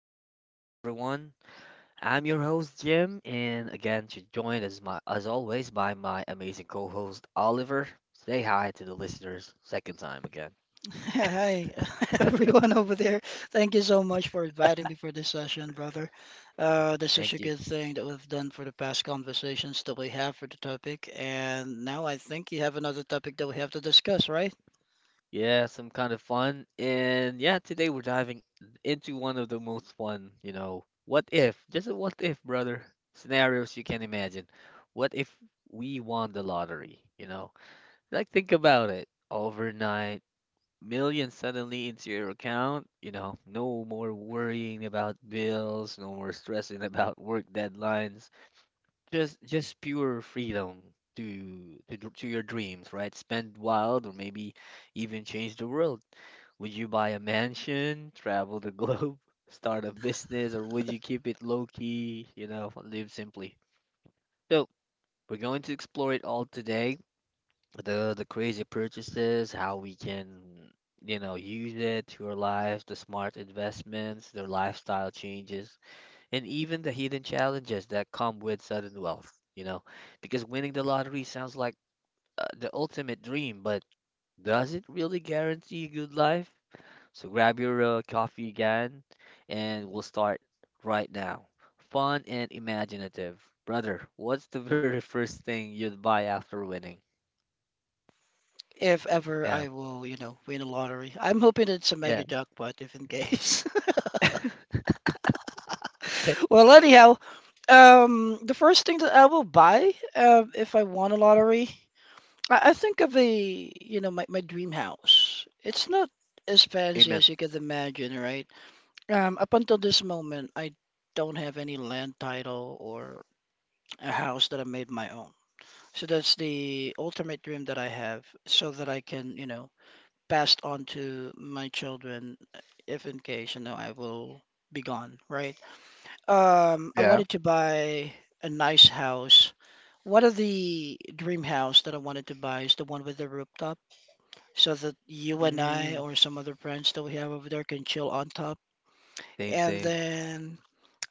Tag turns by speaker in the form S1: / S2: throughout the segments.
S1: show again, everyone. I'm your host Jim, and again, to join as my as always by my amazing co-host Oliver. Say hi to the listeners second time again.
S2: Hi, everyone over there. Thank you so much for inviting me for this session, brother. This is such
S1: Thank
S2: a
S1: you.
S2: good thing that we've done for the past conversations that we have for the topic. And now I think you have another topic that we have to discuss, right?
S1: Yeah, some kind of fun, and yeah, today we're diving into one of the most fun, you know, what if, just a what if, brother, scenarios you can imagine. What if we won the lottery? You know, like think about it. Overnight million suddenly into your account, you know, no more worrying about bills, no more stressing about work deadlines, just pure freedom to your dreams, right? Spend wild or maybe even change the world. Would you buy a mansion, travel the globe, start a business, or would you keep it low key, you know, live simply? So, we're going to explore it all today, the crazy purchases, how we can, you know, use it to our lives, the smart investments, the lifestyle changes, and even the hidden challenges that come with sudden wealth, you know, because winning the lottery sounds like the ultimate dream, but does it really guarantee a good life? So grab your coffee again, and we'll start right now. Fun and imaginative. Brother, what's the very first thing you'd buy after winning?
S2: If ever
S1: Yeah.
S2: I will, you know, win a lottery. I'm hoping it's a
S1: Yeah.
S2: mega jackpot, if in case. Well, anyhow, the first thing that I will buy, if I won a lottery. I think of a, you know, my dream house. It's not as fancy
S1: Amen.
S2: as you could imagine, right? Up until this moment, I don't have any land title or a house that I made my own. So that's the ultimate dream that I have, so that I can, you know, pass it on to my children if in case, you know, I will be gone, right? I
S1: Yeah.
S2: wanted to buy a nice house. One of the dream house that I wanted to buy is the one with the rooftop so that you and I
S1: Mm.
S2: or some other friends that we have over there can chill on top.
S1: Same,
S2: And
S1: same.
S2: then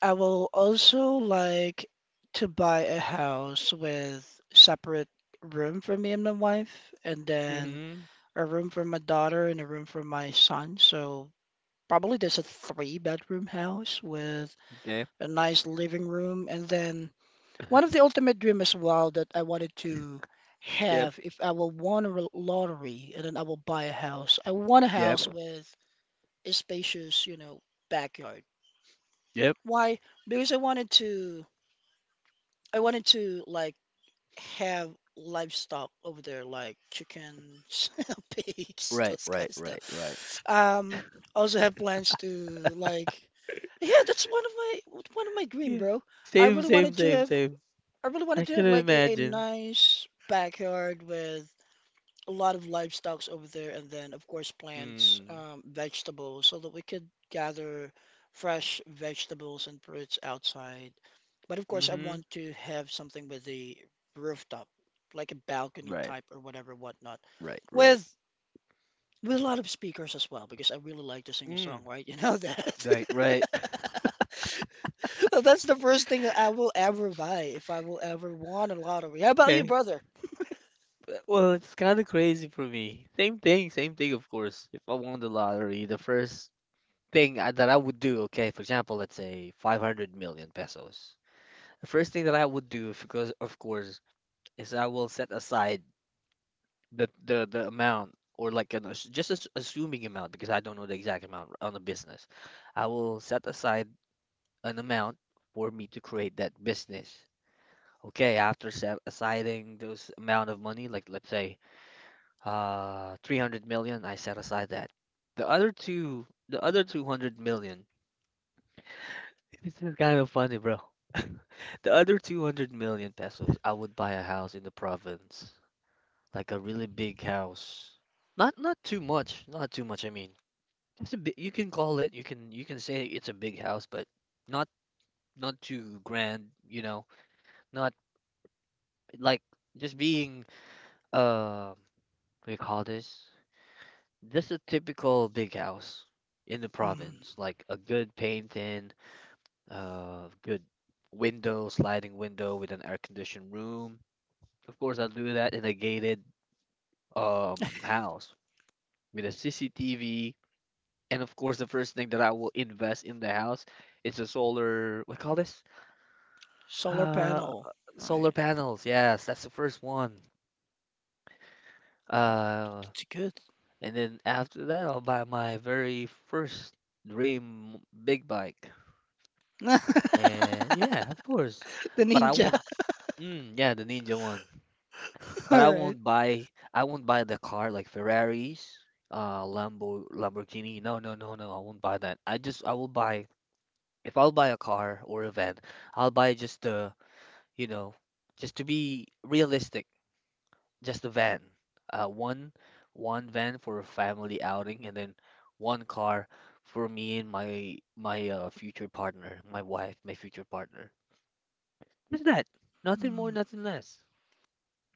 S2: I will also like to buy a house with separate room for me and my wife, and then
S1: Mm-hmm.
S2: a room for my daughter and a room for my son. So probably there's a three-bedroom house with
S1: Okay.
S2: a nice living room, and then one of the ultimate dream as well that I wanted to
S1: Yep.
S2: have if I will won lottery and then I will buy a house. I want a
S1: Yep.
S2: house with a spacious, you know, backyard.
S1: Yep.
S2: Why? Because I wanted to like have livestock over there like chickens, pigs,
S1: Right,
S2: those kind
S1: right,
S2: of
S1: right, right.
S2: stuff. I also have plans to like yeah, that's one of my dream,
S1: Yeah.
S2: bro. I
S1: Same,
S2: really
S1: same,
S2: wanted to
S1: same,
S2: have
S1: same.
S2: I really wanted
S1: I
S2: to
S1: can
S2: have like a
S1: imagine.
S2: nice backyard with a lot of livestocks over there, and then of course plants,
S1: Mm.
S2: vegetables, so that we could gather fresh vegetables and fruits outside. But of course, I
S1: Mm-hmm.
S2: want to have something with a rooftop, like a balcony
S1: Right,
S2: type or whatever, whatnot,
S1: right, right.
S2: with a lot of speakers as well, because I really like to sing a
S1: Mm.
S2: song, right? You know that.
S1: Right, right.
S2: Well, that's the first thing that I will ever buy if I will ever won a lottery. How about you,
S1: Okay.
S2: brother?
S1: Well, it's kind of crazy for me. Same thing, of course. If I won the lottery, the first thing that I would do, okay, for example, let's say 500 million pesos. The first thing that I would do, because of course, is I will set aside the amount or like just as assuming amount because I don't know the exact amount on the business. I will set aside an amount for me to create that business. Okay, after set aside those amount of money, like let's say 300 million, I set aside that. The other two, the other 200 million. This is kind of funny, bro. The other 200 million pesos, I would buy a house in the province. Like a really big house. Not not too much. I mean, it's a bit. You can call it. You can say it's a big house, but not not too grand. You know, not like just being uh, what do you call this? Just a typical big house in the
S2: Mm,
S1: province, like a good painting, good window, sliding window with an air-conditioned room. Of course, I'll do that in a gated house with a CCTV. And of course, the first thing that I will invest in the house is a solar, what call this?
S2: solar
S1: Uh,
S2: panel,
S1: solar
S2: right?
S1: panels. Yes, that's the first one.
S2: Oh,
S1: Uh,
S2: it's good.
S1: and then after that, I'll buy my very first dream big bike. And yeah, of course.
S2: The
S1: But I
S2: ninja.
S1: won't, mm, yeah, the Ninja one. But
S2: All right.
S1: I won't buy the car like Ferraris, Lambo, Lamborghini. No, no, no, no. I won't buy that. I will buy, if I'll buy a car or a van, I'll buy just the you know, just to be realistic, just a van. One one van for a family outing and then one car for me and my future partner, my wife, my future partner. Just that. Nothing more,
S2: Mm.
S1: nothing less.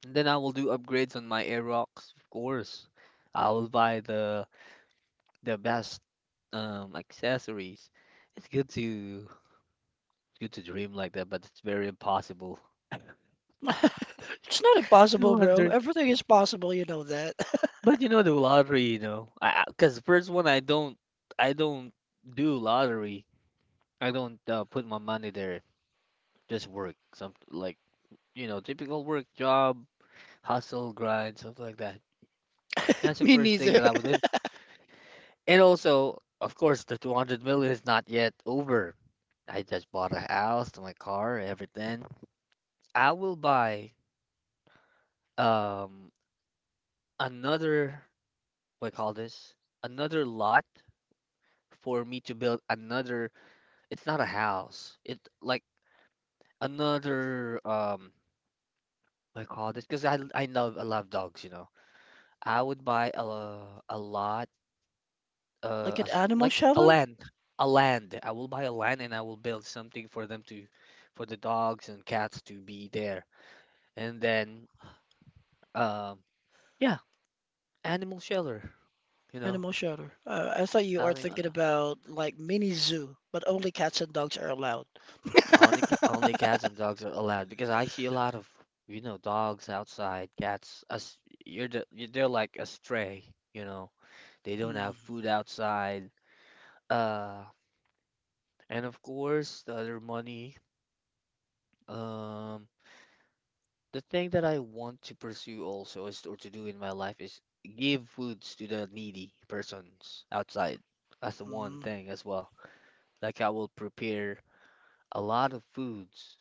S1: And then I will do upgrades on my Aerox, of course. I will buy the best accessories. It's good to dream like that, but it's very impossible.
S2: It's not impossible, bro.
S1: 200.
S2: Everything is possible, you know that.
S1: But you know the lottery, you know, I because first one I don't do lottery. I don't put my money there. Just work, some like you know typical work job, hustle, grind, stuff like that. That's the
S2: Me
S1: first thing
S2: neither.
S1: that I would do. And also, of course, the 200 million is not yet over. I just bought a house, my car, everything. I will buy um another, what do you call this? Another lot for me to build another. It's not a house. It like another what I call this, because I love dogs, you know. I would buy a lot,
S2: Like
S1: a
S2: an
S1: s
S2: animal
S1: like a
S2: shelter?
S1: land, a land. I will buy a land and I will build something for them to, for the dogs and cats to be there. And then um yeah, animal shelter, you know.
S2: Animal shelter. I thought you
S1: I
S2: are
S1: don't know.
S2: thinking about like mini zoo, but only cats and dogs are allowed.
S1: Only only cats and dogs are allowed because I see a lot of you know dogs outside, cats as you they're like a stray, you know. They don't
S2: Hmm.
S1: have food outside. Uh, and of course the other money. Um, the thing that I want to pursue also is or to do in my life is give foods to the needy persons outside. That's the one
S2: Hmm.
S1: thing as well. Like I will prepare a lot of foods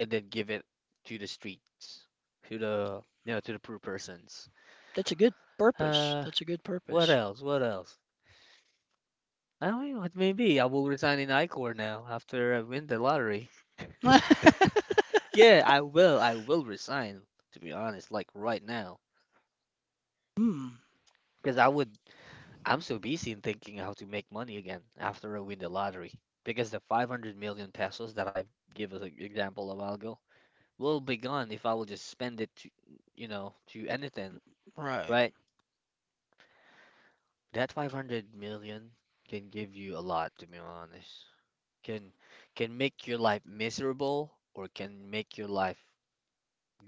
S1: and then give it to the streets, to the you know to the poor persons.
S2: That's a good purpose.
S1: Uh,
S2: That's a good
S1: what
S2: purpose.
S1: else? What else? I don't know. It may be. I will resign in Icor now after I win the lottery.
S2: Hmm.
S1: Yeah, I will. I will resign. To be honest, like right now, because I would. I'm so busy in thinking how to make money again after I win the lottery. Because the 500 million pesos that I gave as an example a while ago will be gone if I will just spend it to, you know, to anything,
S2: Right.
S1: right? That 500 million can give you a lot, to be honest. Can can make your life miserable or can make your life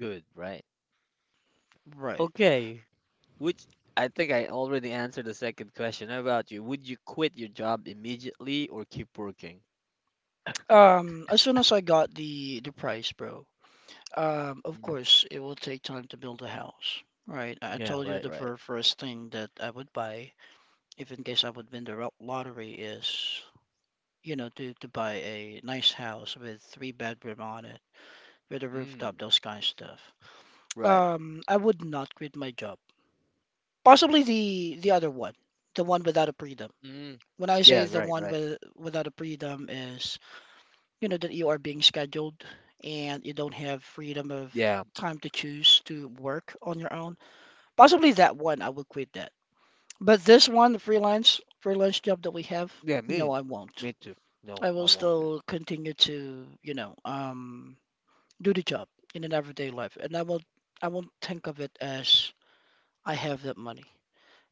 S1: good, right?
S2: Right.
S1: Okay, which I think I already answered the second question. How about you? Would you quit your job immediately or keep working?
S2: As soon as I got the price, bro. Of
S1: Mm.
S2: course, it will take time to build a house, right? I
S1: Yeah,
S2: told you
S1: right,
S2: the
S1: right.
S2: first thing that I would buy, if in case I would win the lottery, is you know, to buy a nice house with three bedroom on it, with a
S1: Mm,
S2: rooftop, those kind of stuff.
S1: right.
S2: I would not quit my job. Possibly the other one, the one without a freedom.
S1: Mm.
S2: When I say
S1: Yeah,
S2: the
S1: right,
S2: one
S1: right.
S2: with without a freedom is, you know, that you are being scheduled and you don't have freedom of
S1: Yeah.
S2: time to choose to work on your own. Possibly that one, I would quit that. But this one, the freelance job that we have,
S1: Yeah,
S2: no,
S1: me.
S2: I won't.
S1: Me too. No,
S2: I will
S1: I won't. Do.
S2: still continue to, you know, do the job in an everyday life, and I won't think of it as I have that money.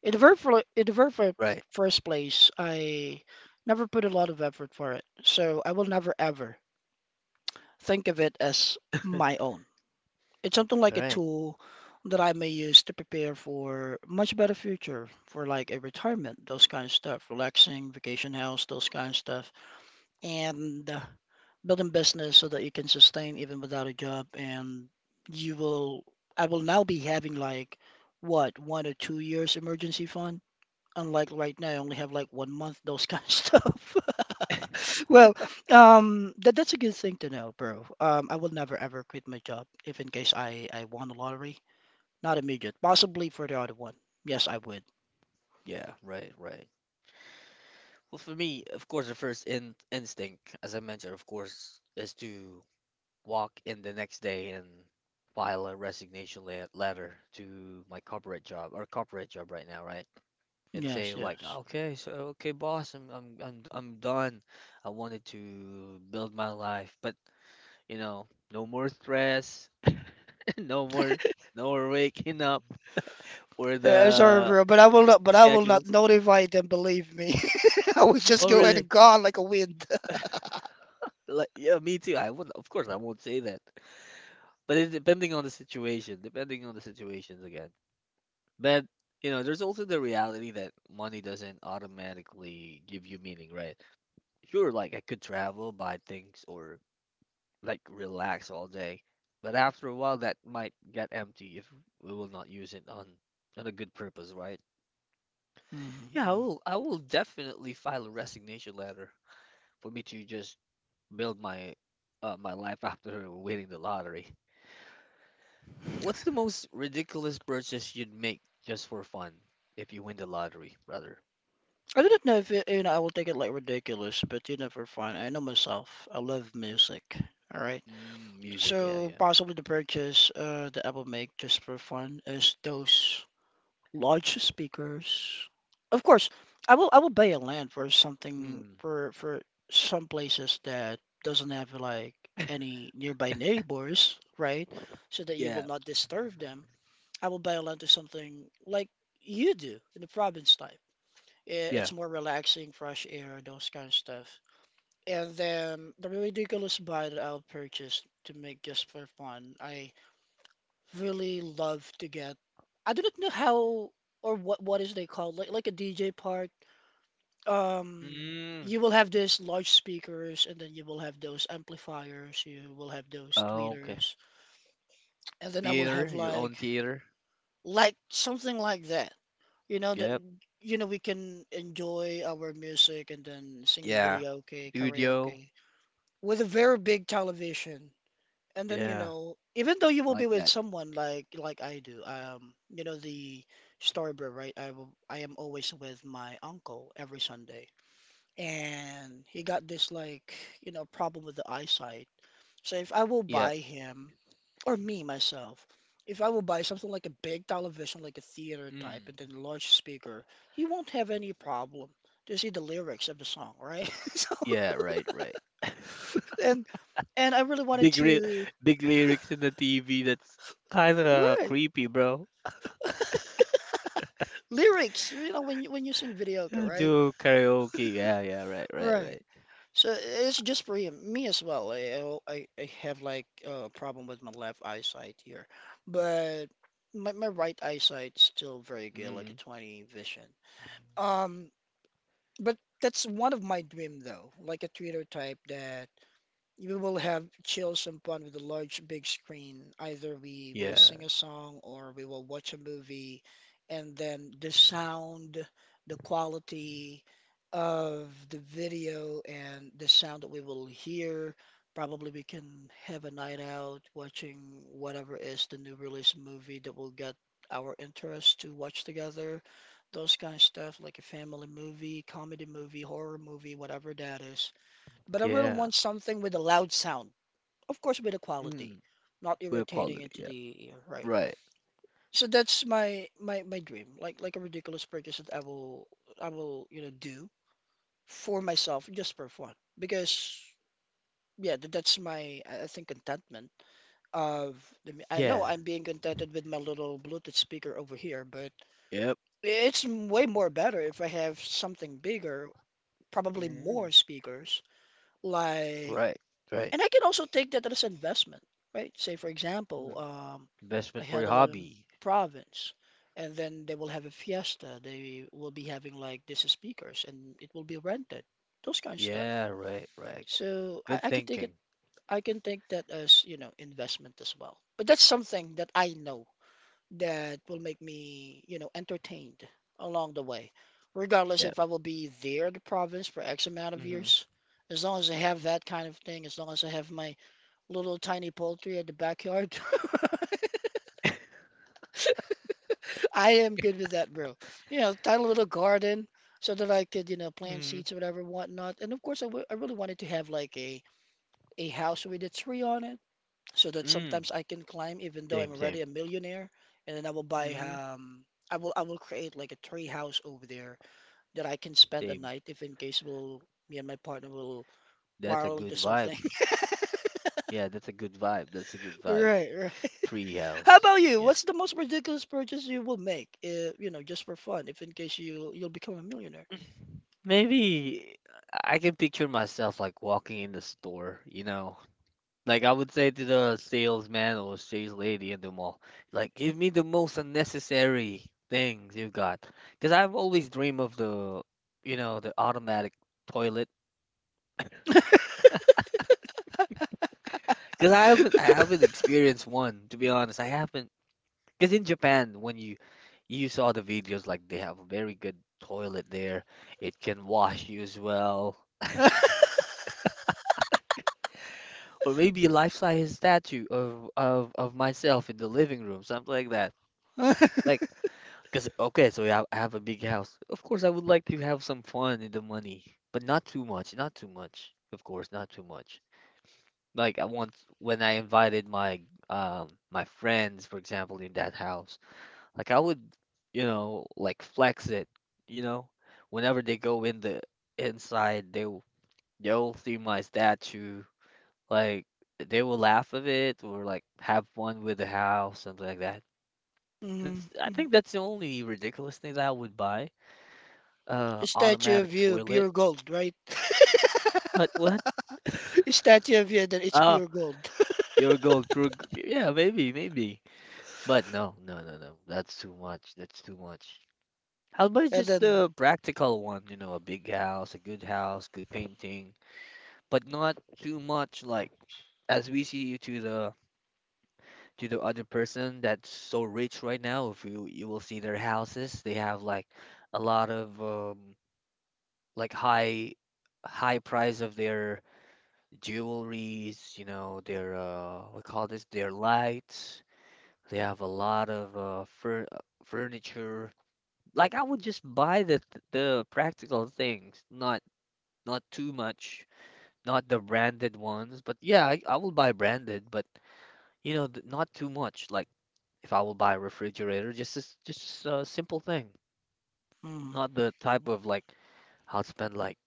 S2: In the very
S1: Right.
S2: first place, I never put a lot of effort for it, so I will never ever think of it as my own. It's something like a
S1: Right.
S2: tool that I may use to prepare for much better future, for like a retirement, those kind of stuff, relaxing, vacation house, those kind of stuff and building business so that you can sustain even without a job. And you will, I will now be having like what, 1 or 2 years emergency fund. Unlike right now, I only have like 1 month, those kind of stuff. Well, that that's a good thing to know, bro. I will never ever quit my job if in case I won the lottery. Not immediate, possibly for the other one. Yes, I would.
S1: Yeah, right, right. Well, for me, of course, the first in instinct, as I mentioned, of course, is to walk in the next day and file a resignation letter to my corporate job or corporate job right now, right? And say
S2: Yes,
S1: like,
S2: yes.
S1: okay, so okay, boss, I'm done. I wanted to build my life, but you know, no more stress, no more, no more waking up for
S2: Yeah, sorry,
S1: the
S2: bro, but I will not. But I will not
S1: schedules.
S2: notify them. Believe me, I will just
S1: Oh,
S2: go ahead
S1: really?
S2: and gone like a wind.
S1: Like, yeah, me too. I would, of course, I won't say that. But it, depending on the situations again. But you know, there's also the reality that money doesn't automatically give you meaning, right? Sure, like I could travel, buy things, or like relax all day, but after a while, that might get empty if we will not use it on a good purpose, right? Yeah, I
S2: Mm-hmm.
S1: will. I will definitely file a resignation letter for me to just build my my life after winning the lottery. What's the most ridiculous purchase you'd make just for fun if you win the lottery, brother?
S2: I do not know if it, you know I will take it like ridiculous, but you never find. I know myself. I love music. All right.
S1: Mm, music, yeah,
S2: So
S1: yeah.
S2: possibly the purchase the Apple make just for fun is those. Large speakers. Of course, I will buy a land for something
S1: Mm,
S2: for some places that doesn't have like any nearby neighbors, right? So that you will
S1: yeah,
S2: not disturb them. I will buy a land to something like you do in the province type. It's
S1: yeah.
S2: more relaxing, fresh air, those kind of stuff. And then the ridiculous buy that I'll purchase to make just for fun. I really love to get. I do not know how or what is they called like a DJ part. You
S1: Mm,
S2: will have this large speakers, and then you will have those amplifiers. You will have those
S1: oh, okay.
S2: tweeters, and then I will have
S1: Theater, your own theater.
S2: like something like that. You know that
S1: Yep.
S2: you know we can enjoy our music and then sing a
S1: Yeah.
S2: video, okay,
S1: Studio.
S2: karaoke with a very big television. And then you
S1: Yeah,
S2: know even though you will be
S1: like
S2: with
S1: that.
S2: someone like I do, you know the story, right? I am always with my uncle every Sunday, and he got this like you know problem with the eyesight. So if I will
S1: Yep.
S2: buy him or me myself, if I will buy something like a big television like a theater type
S1: Mm,
S2: and then large speaker, he won't have any problem to see the lyrics of the song, right? So
S1: yeah, right, right.
S2: and and I really wanted
S1: Big re
S2: to
S1: big lyrics in the TV. That's kind of
S2: Right.
S1: creepy, bro.
S2: Lyrics you know when you sing videoka
S1: Yeah,
S2: right
S1: Do karaoke. Yeah, yeah, right, right,
S2: right,
S1: right.
S2: so it's just for him, me as well. I have like a problem with my left eyesight here, but my right eyesight's still very good like a
S1: Mm,
S2: 20 vision. um but that's one of my dream though like a twitter type that we will have chill some fun with the large big screen. Either we will
S1: yeah,
S2: sing a song or we will watch a movie, and then the sound, the quality of the video, and the sound that we will hear. Probably we can have a night out watching whatever is the new release movie that will get our interest to watch together. Those kind of stuff, like a family movie, comedy movie, horror movie, whatever that is. But I really
S1: yeah.
S2: want something with a loud sound. Of course, with a quality, not
S1: With
S2: irritating
S1: quality,
S2: into
S1: yeah.
S2: the ear, right?
S1: Right.
S2: So that's my dream, like a ridiculous purchase that I will you know do for myself just for fun because yeah, that's my I think contentment of I
S1: Yeah.
S2: know I'm being contented with my little Bluetooth speaker over here, but
S1: Yep.
S2: it's way more better if I have something bigger, probably
S1: Mm,
S2: more speakers, like
S1: Right. Right.
S2: And I can also take that as investment, right? Say, for example,
S1: mm. Investment
S2: I
S1: for
S2: had
S1: your
S2: a lot in the
S1: hobby.
S2: province, and then they will have a fiesta. They will be having like these speakers, and it will be rented. Those kind of stuff.
S1: Yeah, right, right.
S2: So
S1: Good
S2: I can take it.
S1: thinking.
S2: I can take that as, you know, investment as well. But that's something that I know that will make me, you know, entertained along the way, regardless
S1: Yeah.
S2: if I will be there in the province for X amount of
S1: Mm-hmm.
S2: years. As long as I have that kind of thing, as long as I have my little tiny poultry in the backyard. I am good with that, bro. You know, tiny little garden so that I could, you know, plant
S1: Mm,
S2: seeds or whatever, whatnot. And of course, I really wanted to have like a house with a tree on it so that
S1: mm.
S2: sometimes I can climb, even though I'm
S1: Same, same,
S2: already a millionaire. And then
S1: hmm
S2: I will create like a tree house over there that I can spend a
S1: same.
S2: night if in case we'll me and my partner will
S1: That's a
S2: quarrel
S1: good
S2: into
S1: vibe.
S2: something.
S1: Yeah, that's a good vibe. That's a good vibe.
S2: Right, how
S1: Treehouse.
S2: about you?
S1: Yeah.
S2: What's the most ridiculous purchase you will make, if, you know, just for fun, if in case you'll become a millionaire?
S1: Maybe I can picture myself like walking in the store, you know, like I would say to the salesman or sales lady in the mall, like give me the most unnecessary things you've got. Because I've always dreamed of the, you know, the automatic toilet. Because I haven't experienced one to be honest. I haven't. Because in Japan, when you saw the videos, like they have a very good toilet there. It can wash you as well. Or maybe a life-size statue of myself in the living room, something like that. Like. Cause okay, so yeah, I have a big house. Of course, I would like to have some fun in the money, but not too much. Of course, not too much. Like I want when I invited my friends, for example, in that house, like I would, you know, like flex it, you know, whenever they go in the inside, they'll see my statue, like they will laugh of it or like have fun with the house, something like that.
S2: Mhm,
S1: That's, I
S2: mhm.
S1: think that's the only ridiculous thing that I would buy.
S2: A statue
S1: Automatic
S2: of you,
S1: toilet.
S2: pure gold, right?
S1: What? What?
S2: A statue of you, then it's
S1: Oh,
S2: pure gold,
S1: pure gold, pure. Yeah, maybe, maybe. But no, no, no, no. That's too much. That's too much. How about
S2: and
S1: just
S2: then.
S1: the practical one? You know, a big house, a good house, good painting, but not too much. Like as we see you to the other person that's so rich right now. If you will see their houses, they have like a lot of like high high price of their jewelries, you know, their we call this their lights. They have a lot of fur furniture. Like I would just buy the the practical things, not not too much, not the branded ones. But yeah, I will buy branded, but you know, not too much. Like if I will buy a refrigerator, just a s just a simple thing,
S2: Mm,
S1: not the type of like I'll spend like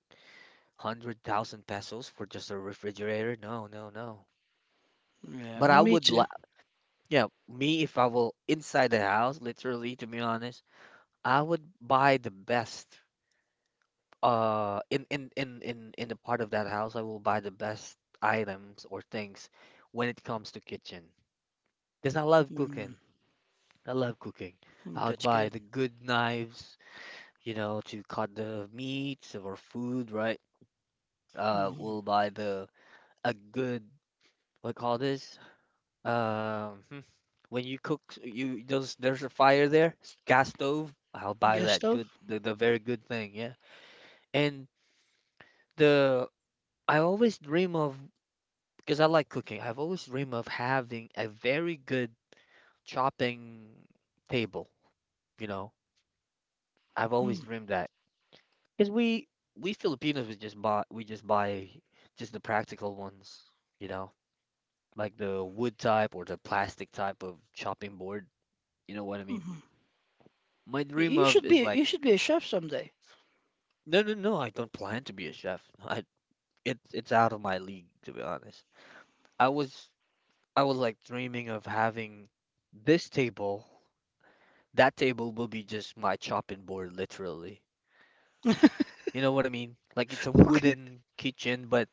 S1: 100,000 pesos for just a refrigerator. No, no, no.
S2: yeah,
S1: But
S2: me,
S1: I
S2: me
S1: would
S2: too.
S1: li yeah, me, if I will inside the house, literally to be honest, I would buy the best in the part of that house. I will buy the best items or things when it comes to kitchen. Because I love
S2: Mm,
S1: cooking. I love cooking.
S2: mm,
S1: I would
S2: that's
S1: buy
S2: good.
S1: the good knives, you know, to cut the meats or food, right?
S2: Mm,
S1: We'll buy the a good, what do you call this? Um, hmm, when you cook, you there's a fire there, gas stove. I'll buy
S2: gas
S1: that
S2: stove.
S1: good, the very good thing, yeah. And the I always dream of, because I like cooking. I've always dream of having a very good chopping table. You know, I've always
S2: Mm,
S1: dreamed that, because we Filipinos we just buy just the practical ones. You know, like the wood type or the plastic type of chopping board. You know what I mean?
S2: mhm.
S1: My
S2: Y-
S1: dream
S2: You
S1: of
S2: should
S1: is
S2: be
S1: like
S2: you should be a chef someday.
S1: no, no, no. I don't plan to be a chef. I, it's out of my league to be honest. I was I was like dreaming of having this table. That table will be just my chopping board, literally. You know what I mean? Like it's a wooden kitchen, but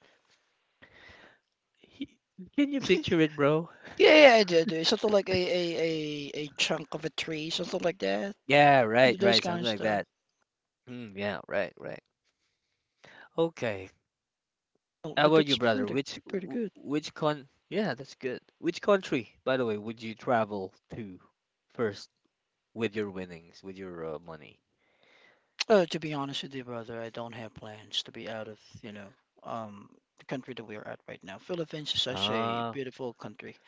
S1: he, can you
S2: Okay.
S1: picture it, bro?
S2: Yeah, yeah, I do. Something like a chunk of a tree, something like that.
S1: Yeah, right,
S2: Those
S1: right,
S2: kind
S1: something
S2: of
S1: like
S2: stuff.
S1: that. Mm, yeah, right, right. Okay.
S2: Oh,
S1: How
S2: that,
S1: about you,
S2: that's
S1: brother?
S2: pretty
S1: Which
S2: pretty
S1: w-
S2: good.
S1: which con? Yeah, that's good. Which country, by the way, would you travel to first? With your winnings, with your money.
S2: To be honest with you, brother, I don't have plans to be out of, you know, um, the country that we are at right now. Philippines is such a
S1: Ah,
S2: beautiful country.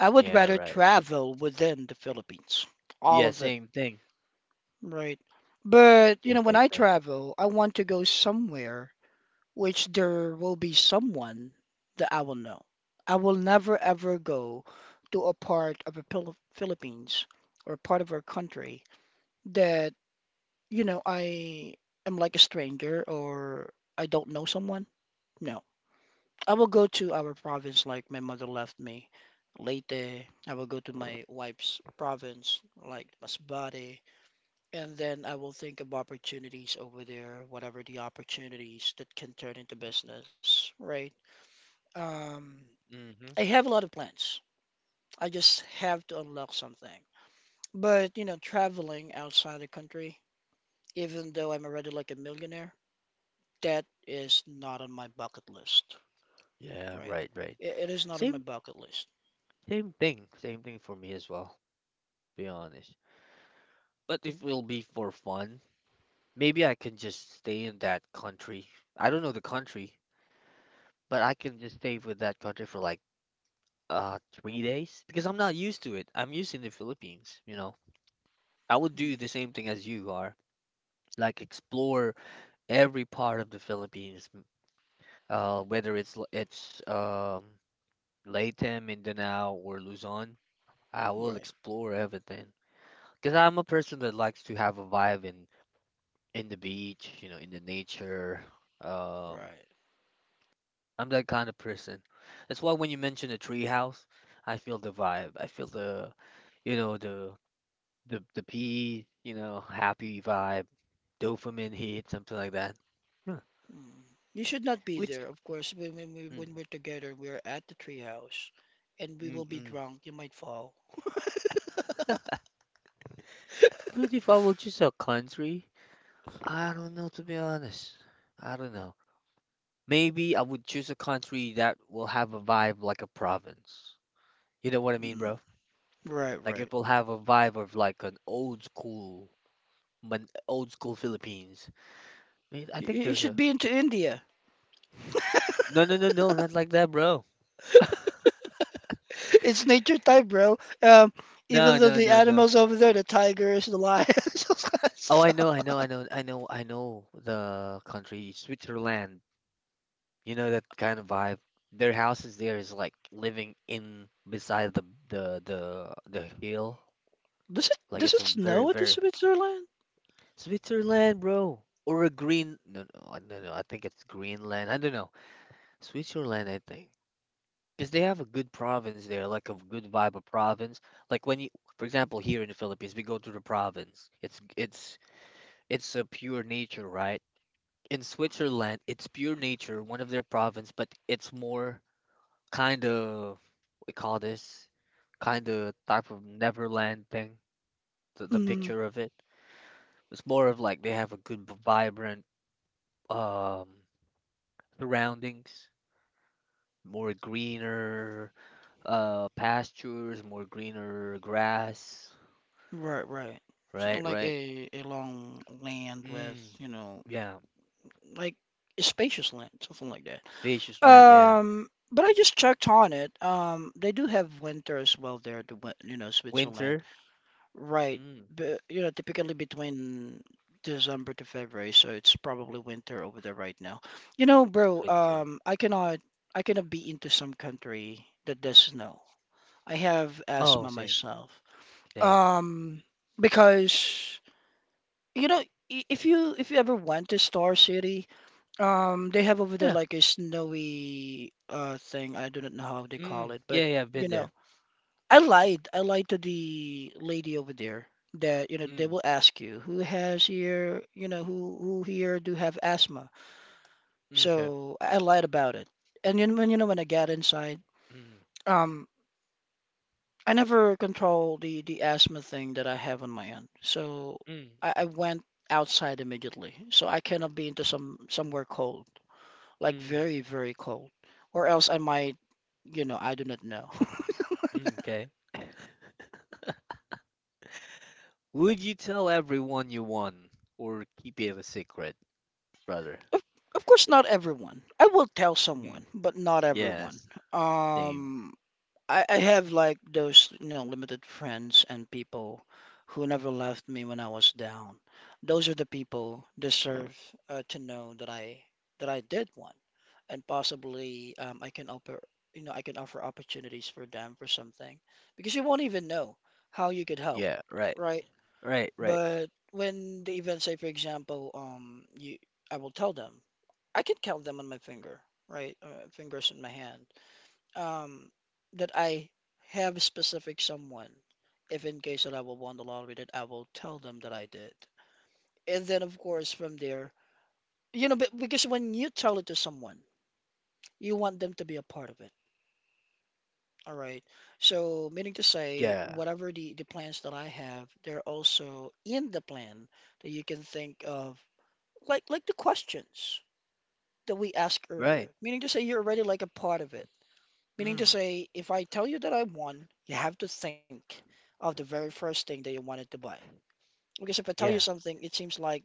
S2: I would
S1: yeah,
S2: rather
S1: right.
S2: travel within the Philippines, all
S1: Yeah,
S2: of it,
S1: same thing.
S2: right? But you
S1: Same
S2: know, when
S1: thing,
S2: I
S1: same thing.
S2: travel, I want to go somewhere, which there will be someone that I will know. I will never ever go to a part of the Philippines or part of our country that, you know, I am like a stranger or I don't know someone. No. I will go to our province like my mother left me. Leyte, I will go to my wife's province like Masbate, and then I will think of opportunities over there, whatever the opportunities that can turn into business, right? Um,
S1: Mm-hmm.
S2: I have a lot of plans. I just have to unlock something. But, you know, traveling outside the country, even though I'm already like a millionaire, that is not on my bucket list,
S1: Yeah,
S2: right?
S1: right, right.
S2: It is not on my
S1: Same,
S2: bucket list.
S1: same thing. Same thing for me as well, be honest. But if it'll be for fun, maybe I can just stay in that country. I don't know the country, but I can just stay with that country for like 3 days because I'm not used to it. I'm used to the Philippines, you know. I would do the
S2: Mm,
S1: same thing as you are, like explore every part of the Philippines, whether it's Latin, Mindanao, or Luzon. I will
S2: right,
S1: explore everything because I'm a person that likes to have a vibe in the beach, you know, in the nature. Um,
S2: right.
S1: I'm that kind of person. That's why when you mention a tree house, I feel the vibe. I feel the, you know, the pea, you know, happy vibe, dopamine hit, something like that. Huh.
S2: Mm. You should not be
S1: Which,
S2: there, of course. When, when we
S1: mm,
S2: when we're together, we're at the treehouse, and we
S1: mm,
S2: will be
S1: mm.
S2: drunk. You might fall.
S1: But if I will choose a country. I don't know, to be honest. I don't know. Maybe I would choose a country that will have a vibe like a province. You know what I mean,
S2: Mm,
S1: bro?
S2: right,
S1: Like it
S2: right.
S1: will have a vibe of like an old school, man, old school Philippines. Wait, I
S2: You,
S1: think
S2: you
S1: there's
S2: should
S1: a
S2: be into India.
S1: no, no, no, no, not like that, bro.
S2: It's nature time, bro.
S1: No,
S2: Even though
S1: no,
S2: the
S1: no, no.
S2: animals over there, the tigers, the lions, all that
S1: Oh, I know,
S2: stuff.
S1: I know, I know, I know, I know the country, Switzerland. You know that kind of vibe. Their houses there is like living in beside the the the hill.
S2: Does it
S1: Like
S2: does
S1: it's
S2: it
S1: a very,
S2: snow at the
S1: very
S2: Switzerland?
S1: Switzerland, bro, or a green. No, no, no, no. I think it's Greenland. I don't know. Switzerland, I think, because they have a good province there, like a good vibe of province. Like when you, for example, here in the Philippines, we go to the province. It's it's a pure nature, right? In Switzerland, it's pure nature, one of their province, but it's more kind of, we call this kind of type of Neverland thing. The
S2: Mm,
S1: picture of it. It's more of like they have a good, vibrant um, surroundings, more greener pastures, more greener grass.
S2: right, right.
S1: Right,
S2: Something like
S1: right.
S2: a long land with,
S1: Mm,
S2: you know,
S1: yeah,
S2: like a spacious land, something like that.
S1: spacious land. Yeah,
S2: But I just checked on it. They do have winter as well there, the you know, Switzerland.
S1: winter.
S2: Right,
S1: Mm,
S2: but you know, typically between December to February, so it's probably winter over there right now. You know, bro,
S1: Switzerland.
S2: I cannot be into some country that does snow. I have
S1: Oh,
S2: asthma
S1: same,
S2: myself.
S1: same.
S2: Um, because you know, if you ever went to Star City, they have over there
S1: Yeah.
S2: like a snowy thing. I do not know how they call
S1: Mm,
S2: it, but
S1: yeah, yeah. I've been
S2: you know.
S1: there.
S2: I lied. I lied to the lady over there that, you know, they
S1: Mm,
S2: will ask you who has here, you know, who here do have asthma.
S1: okay.
S2: So I lied about it. And then when you know when I got inside,
S1: Mm,
S2: um, I never control the asthma thing that I have on my end. So
S1: mm,
S2: I went outside immediately. So I cannot be into some somewhere cold, like
S1: mm,
S2: very, very cold, or else I might, you know, I do not know.
S1: mm, okay. Would you tell everyone you won, or keep it a secret, brother?
S2: Of of course, not everyone. I will tell
S1: Mm,
S2: someone, but not everyone.
S1: yes. Same.
S2: Um, I have like those, you know, limited friends and people who never left me when I was down. Those are the people deserve to know that I did one, and possibly I can offer, you know, I can offer opportunities for them for something because you won't even know how you could help,
S1: Yeah. Right.
S2: right?
S1: Right. Right.
S2: But when the event, say for example, you, I will tell them. I can count them on my finger, right? Fingers in my hand. Um, that I have a specific someone. If in case that I will won the lottery, that I will tell them that I did. And then of course from there, you know, because when you tell it to someone, you want them to be a part of it. All right. So meaning to say,
S1: Yeah.
S2: whatever the plans that I have, they're also in the plan that you can think of like the questions that we asked earlier,
S1: Right.
S2: meaning to say you're already like a part of it. Meaning to
S1: Mm.
S2: say, if I tell you that I won, you have to think of the very first thing that you wanted to buy. Because if I tell you
S1: Yeah.
S2: something, it seems like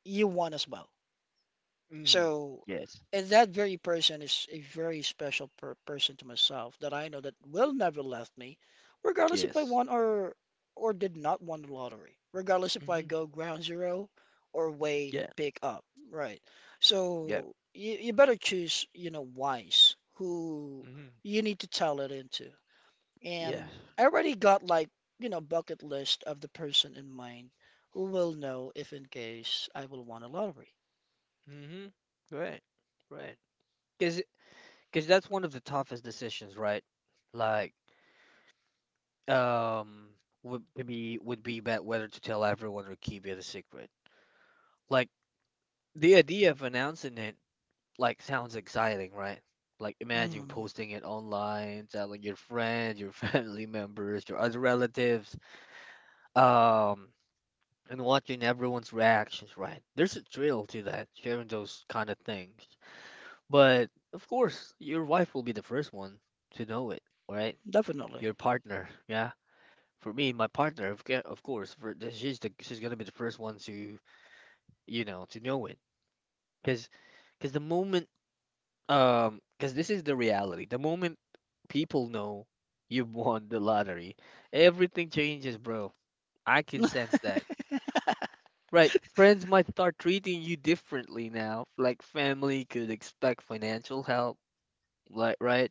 S2: you won as well.
S1: Mm.
S2: So,
S1: Yes.
S2: and that very person is a very special per person to myself that I know that will never left me, regardless if I
S1: Yes.
S2: won or did not won the lottery, regardless if I
S1: Mhm.
S2: go ground zero or way
S1: Yeah.
S2: pick up, right?
S1: Yeah.
S2: So you better choose, you know, wise who
S1: Mhm.
S2: you need to tell it into.
S1: Yeah.
S2: And I already got like, you know, bucket list of the person in mind who will know if in case I will won a lottery.
S1: Mhm. Right. Right. Cause, cause that's one of the toughest decisions, right? Like, um, would be about whether to tell everyone or keep it a secret. Like the idea of announcing it, like, sounds exciting, right? Like, imagine
S2: Mm.
S1: posting it online, telling your friends, your family members, your other relatives. Um, and watching everyone's reactions, right? There's a thrill to that, sharing those kind of things. But of course, your wife will be the first one to know it, right?
S2: Definitely.
S1: Your partner, yeah. For me, my partner, of of course, for she's the, she's gonna be the first one to, you know, to know it, because the moment cause this is the reality. The moment people know you've won the lottery, everything changes, bro. I can sense that. Right, friends might start treating you differently now. Like family could expect financial help, like right?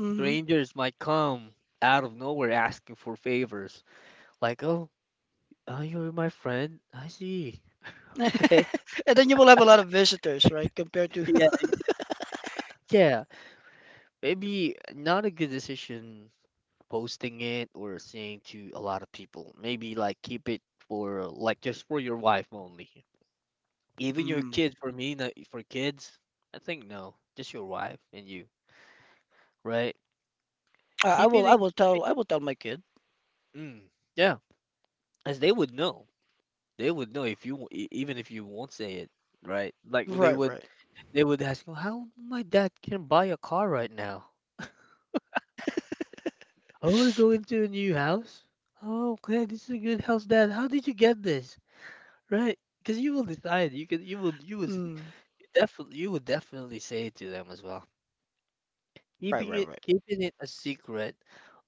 S2: Mhm.
S1: Strangers might come out of nowhere asking for favors. Like, oh, you're my friend. I see. Okay.
S2: And then you will have a lot of visitors, right? Compared to
S1: Yeah, yeah. Maybe not a good decision posting it or saying to a lot of people. Maybe like keep it for like just for your wife only. Even your
S2: Mm.
S1: kids for me, not for kids. I think no, just your wife and you, right? Keep it. Keep it.
S2: I will tell my kid.
S1: Mm, yeah, as they would know. They would know if you even if you won't say it, right? Like
S2: Right, right.
S1: they would ask you, "How my dad can buy a car right now? I want to go into a new house. Oh, okay, this is a good house, Dad. How did you get this? Right? Because you will decide. You can. You will. You will
S2: Mm.
S1: definitely. You will definitely say it to them as well.
S2: Right,
S1: Keeping
S2: right,
S1: it.
S2: right.
S1: Keeping it a secret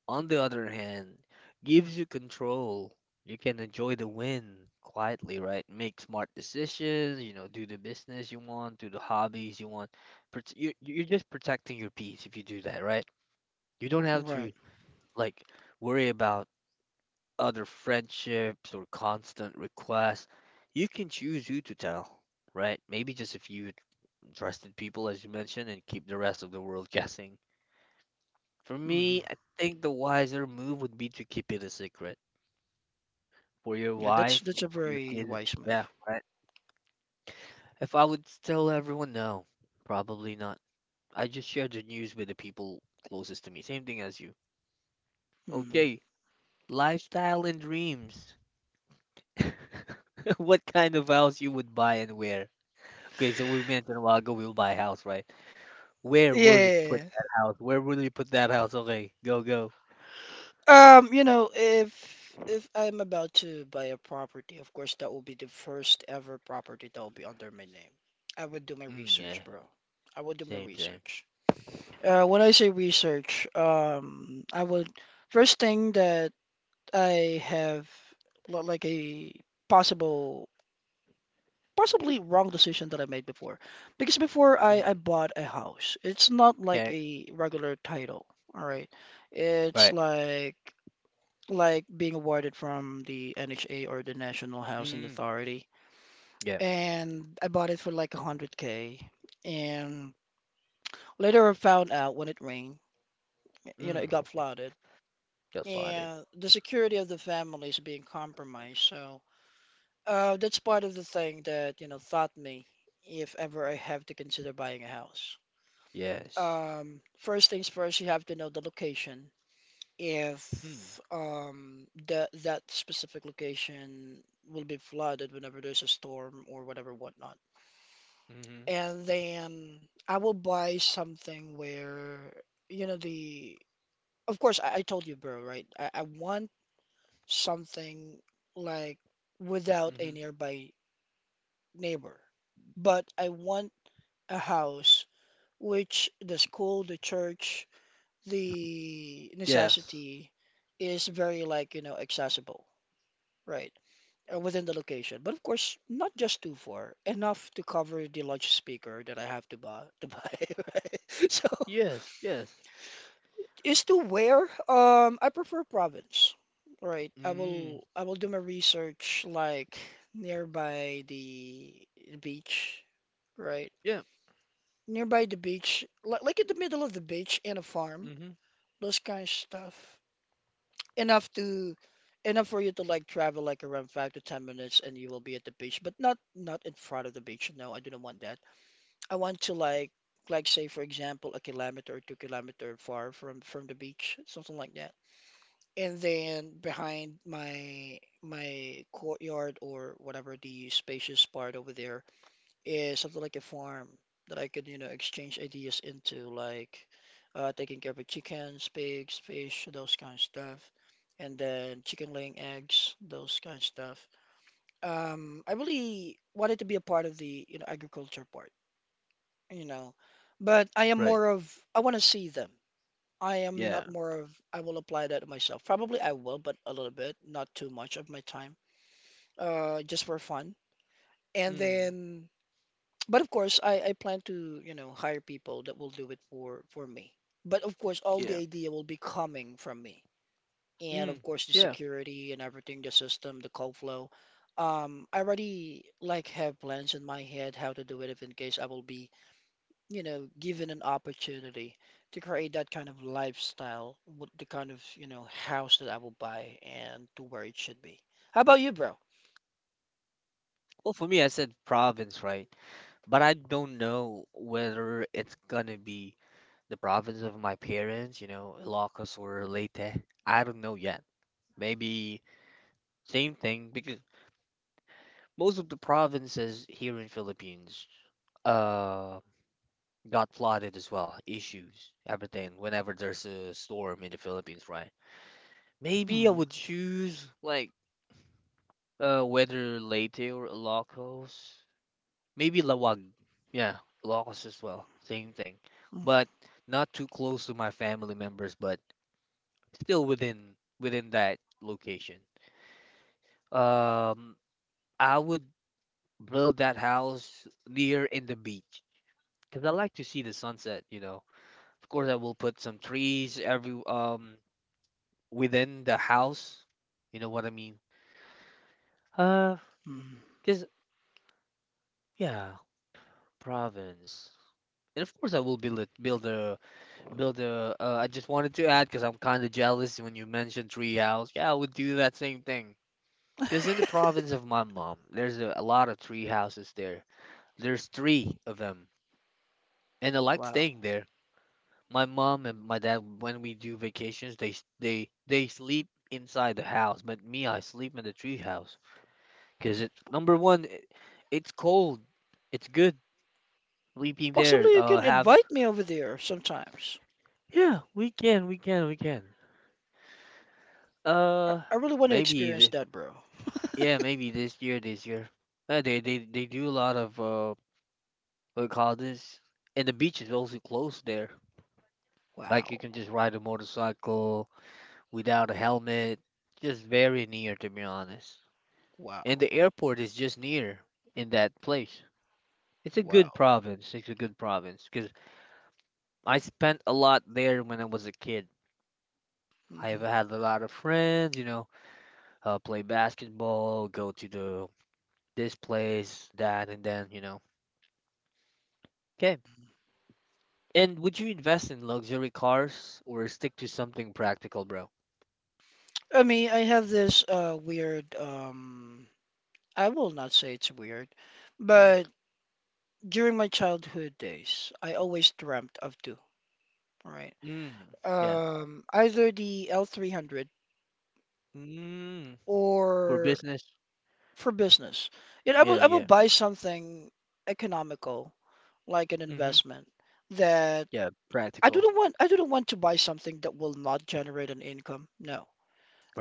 S1: on the other hand, gives you control. You can enjoy the win quietly, right? Make smart decisions, you know, do the business you want, do the hobbies you want. You're just protecting your peace if you do that, right? You don't have to
S2: Right.
S1: like worry about other friendships or constant requests. You can choose who to tell, right? Maybe just a few trusted people, as you mentioned, and keep the rest of the world guessing. For
S2: Hmm.
S1: me, I think the wiser move would be to keep it a secret for your
S2: Yeah,
S1: wife
S2: that's a
S1: and for your
S2: very
S1: kids.
S2: wise
S1: Yeah,
S2: move.
S1: right. If I would tell everyone, no, probably not. I just share the news with the people closest to me. Same thing as you.
S2: Mm.
S1: Okay, lifestyle and dreams. What kind of house you would buy and where? Okay, so we mentioned a while ago we'll buy a house, right? Where will you put
S2: Yeah.
S1: that house? Where will you put that house? Okay, go, go.
S2: You know, if I'm about to buy a property, of course that will be the first ever property that will be under my name. I would do my
S1: Mm,
S2: research,
S1: yeah,
S2: bro. I would do my
S1: same, same.
S2: research. When I say research, I would first thing that I have like a possible, possibly wrong decision that I made before, because before I
S1: Mm,
S2: bought a house, it's not like
S1: okay,
S2: a regular title. All right, it's
S1: right.
S2: like being awarded from the NHA or the National Housing
S1: Mm,
S2: Authority,
S1: yeah.
S2: and I bought it for like 100K, and later I found out when it rained, you know, it
S1: Mm,
S2: got flooded
S1: got slotted.
S2: and the security of the family is being compromised. So that's part of the thing that you know thought me if ever I have to consider buying a house.
S1: Yes.
S2: First things first, you have to know the location.
S1: Mm,
S2: If that specific location will be flooded whenever there's a storm or whatever whatnot,
S1: mhm.
S2: and then I will buy something where you know the. Of course, I told you, bro, right? I want something like without a
S1: Mhm.
S2: nearby neighbor. But I want a house which the school, the church, the
S1: Yes.
S2: necessity is very like, you know, accessible, right? Or within the location. But of course, not just too far, enough to cover the large speaker that I have to buy, right? So
S1: Yes, yes.
S2: is to where, I prefer province. Right. I
S1: Mm.
S2: will I will do my research like nearby the beach, right?
S1: Yeah.
S2: Nearby the beach, like in the middle of the beach and a farm,
S1: Mhm.
S2: those kind of stuff. Enough to enough for you to like travel like around 5 to 10 minutes and you will be at the beach, but not not in front of the beach. No, I do not want that. I want to like say for example a kilometer or 2 kilometer far from the beach, something like that. And then behind my courtyard or whatever the spacious part over there is something like a farm that I could, you know, exchange ideas into, like taking care of chickens, pigs, fish, those kind of stuff, and then chicken laying eggs, those kind of stuff. I really wanted to be a part of the, you know, agriculture part, you know, but I am
S1: Right.
S2: more of I want to see them. I am
S1: Yeah.
S2: not more of I will apply that to myself. Probably I will, but a little bit, not too much of my time, just for fun. And
S1: Mm.
S2: then, but of course, I plan to, you know, hire people that will do it for me. But of course, all the
S1: Yeah.
S2: idea will be coming from me. And of
S1: Mm.
S2: course, the
S1: Yeah.
S2: security and everything, the system, the call flow. I already like have plans in my head how to do it if in case I will be you know, given an opportunity to create that kind of lifestyle, with the kind of, you know, house that I will buy and to where it should be. How about you, bro?
S1: Well, for me, I said province, right? But I don't know whether it's gonna be the province of my parents, you know, Ilocos or Leyte. I don't know yet. Maybe same thing because most of the provinces here in Philippines uh got flooded as well, issues, everything. Whenever there's a storm in the Philippines, right? Maybe I
S2: Hmm.
S1: would choose like whether Leyte or Ilocos. Maybe Lawag. Yeah, Ilocos as well. Same thing.
S2: Mm,
S1: But not too close to my family members, but still within within that location. Um, I would build that house near in the beach because I like to see the sunset, you know. Of course, I will put some trees every within the house. You know what I mean? Uh,
S2: mm.
S1: because yeah, province. And of course, I will build it, build a. I just wanted to add because I'm kind of jealous when you mentioned tree house. Yeah, I would do that same thing. Because in the province of my mom, there's a lot of tree houses there. There's three of them, and I like
S2: Wow.
S1: staying there. My mom and my dad, when we do vacations, they sleep inside the house, but me, I sleep in the tree house because it's number one, it's cold. It's good sleeping there.
S2: Possibly you can
S1: Have
S2: invite me over there sometimes.
S1: Yeah, we can, we can, we can.
S2: I,
S1: Uh,
S2: I really want to
S1: maybe
S2: experience
S1: th-
S2: that, bro.
S1: yeah, maybe this year, this year. They do a lot of what do you call this, and the beach is also close there. Like you
S2: Wow.
S1: can just ride a motorcycle without a helmet. Just very near, to be honest. And
S2: Wow.
S1: the airport is just near in that place. It's a good
S2: Wow.
S1: province. It's a good province because I spent a lot there when I was a kid. I have
S2: Mhm.
S1: had a lot of friends, play basketball, go to the this place, that, and then you know. Okay. And would you invest in luxury cars or stick to something practical, bro?
S2: I mean, I have this weird I will not say it's weird, but during my childhood days, I always dreamt of two, right?
S1: Mm, yeah.
S2: Um, either the L300
S1: Mm, for
S2: or
S1: business.
S2: for business. You know, I will
S1: Yeah,
S2: I will
S1: yeah.
S2: buy something economical, like an
S1: Mm-hmm.
S2: investment that
S1: Yeah,
S2: I
S1: practical.
S2: don't want I don't want to buy something that will not generate an income. No.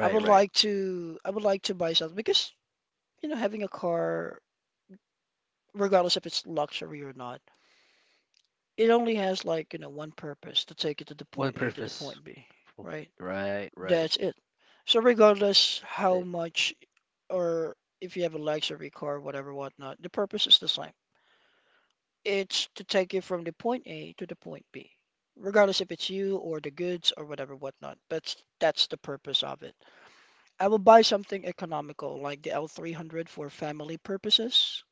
S2: I would
S1: right.
S2: like to I would like to buy something because, you know, having a car, regardless if it's luxury or not, it only has like, one purpose to take it to the
S1: One
S2: point A to the
S1: purpose.
S2: point B,
S1: F-
S2: right?
S1: Right, right.
S2: That's it. So regardless
S1: That's it.
S2: how much or if you have a luxury car, whatever, whatnot, the purpose is the same. It's to take you from the point A to the point B, regardless if it's you or the goods or whatever, whatnot. But that's the purpose of it. I will buy something economical like the L300 for family purposes,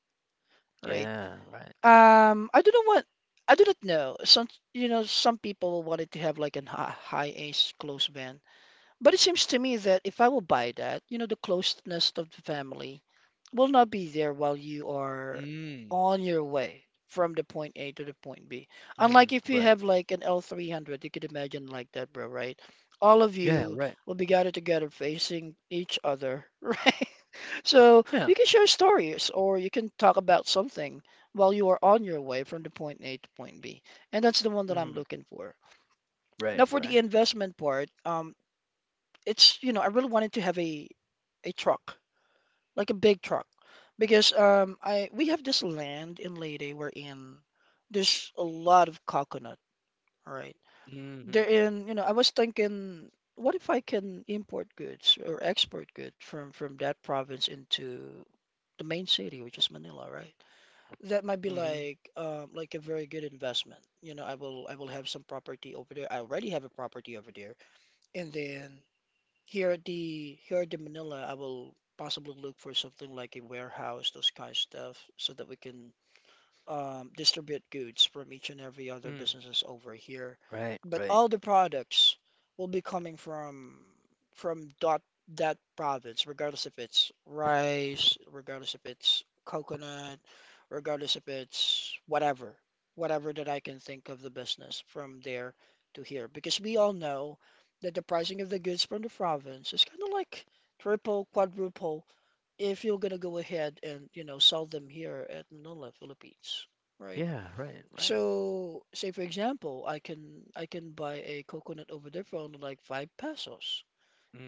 S2: right?
S1: Yeah, right.
S2: I don't know what. I do not know. Some, some people wanted to have like a high ace close van. But it seems to me that if I will buy that, the closeness of the family will not be there while you are
S1: Mm,
S2: on your way from the point A to the point B.
S1: mm-hmm.
S2: Unlike if you
S1: Right.
S2: have like an L300, you could imagine like that, bro, right? All of
S1: Yeah,
S2: you
S1: right.
S2: will be gathered together facing each other, right? So
S1: Yeah.
S2: you can share stories or you can talk about something while you are on your way from the point A to point B. And that's the one that I'm
S1: Mm-hmm.
S2: looking for.
S1: Right,
S2: Now, for
S1: right.
S2: the investment part, it's I really wanted to have a truck like a big truck because I we have this land in Leyte wherein there's a lot of coconut, all right,
S1: Mm-hmm.
S2: there in, I was thinking what if I can import goods or export goods from that province into the main city, which is Manila, right? That might be
S1: Mm-hmm.
S2: like a very good investment. I will have some property over there. I already have a property over there. And then here at the Manila, I will possibly look for something like a warehouse, those kind of stuff, so that we can distribute goods from each and every other
S1: Mm.
S2: businesses over here.
S1: Right,
S2: But
S1: right.
S2: all the products will be coming from from dot, that province, regardless if it's rice, regardless if it's coconut, regardless if it's whatever, whatever that I can think of the business from there to here. Because we all know that the pricing of the goods from the province is kind of like triple, quadruple if you're gonna go ahead and sell them here at Manila, Philippines, right?
S1: Yeah, right, right.
S2: So say for example, I can buy a coconut over there for only like five pesos,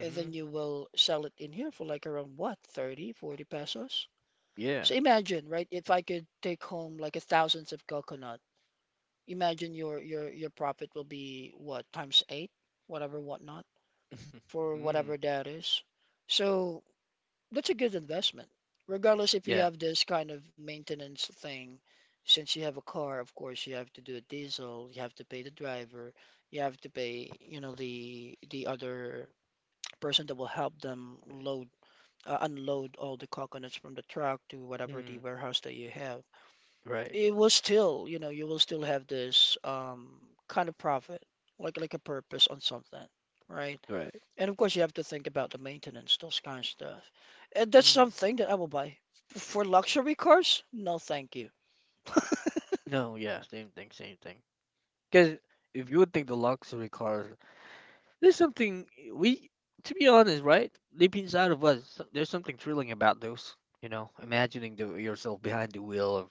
S2: and then you will sell it in here for like around what, 30, 40 pesos.
S1: Yeah.
S2: So imagine, right? If I could take home like a thousands of coconut, imagine your profit will be what, times eight, whatever, whatnot, for
S1: Mm-hmm.
S2: whatever that is. So that's a good investment, regardless if you
S1: Yeah.
S2: have this kind of maintenance thing. Since you have a car, of course, you have to do a diesel, you have to pay the driver, you have to pay, you know, the other person that will help them load unload all the coconuts from the truck to whatever
S1: Mm.
S2: the warehouse that you have.
S1: Right,
S2: It will still, you will still have this kind of profit, like a purpose on something, right?
S1: right.
S2: And of course, you have to think about the maintenance, those kind of stuff. And that's
S1: Mm.
S2: something that I will buy. For luxury cars? No, thank you.
S1: No, yeah, same thing, same thing. Because if you would think the luxury cars, there's something to be honest, right? Deep inside of us, so- there's something thrilling about those. You know, imagining yourself behind the wheel of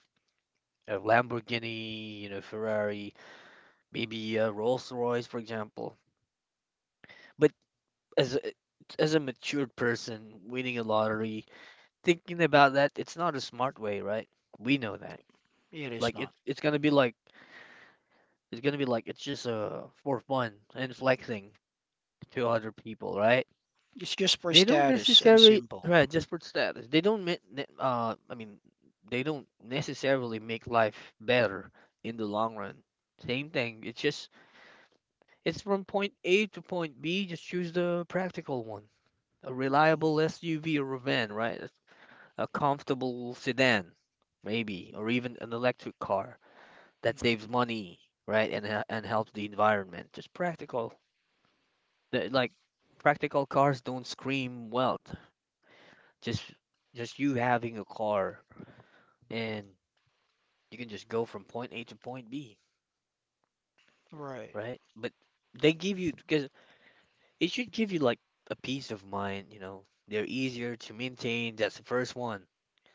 S1: a Lamborghini, you know, Ferrari, maybe a Rolls Royce, for example. But as a, as a matured person, winning a lottery, thinking about that, it's not a smart way, right? We know that.
S2: It is
S1: Like
S2: not.
S1: it's gonna be like it's gonna be like it's just for fun and flexing to other people, right?
S2: It's just for
S1: They don't
S2: status and
S1: necessarily
S2: symbol.
S1: right just for status. They don't make uh I mean they don't necessarily make life better in the long run. Same thing. It's just it's from point A to point B. Just choose the practical one. A
S2: Mm,
S1: reliable SUV or a van, right? A comfortable sedan, maybe, or even an electric car that
S2: mm,
S1: saves money, right? And helps the environment. Just practical. Like practical cars don't scream wealth. Just just you having a car and you can just go from point A to point B,
S2: right.
S1: right? But they give you because it should give you like a peace of mind, you know. They're easier to maintain. That's the first one.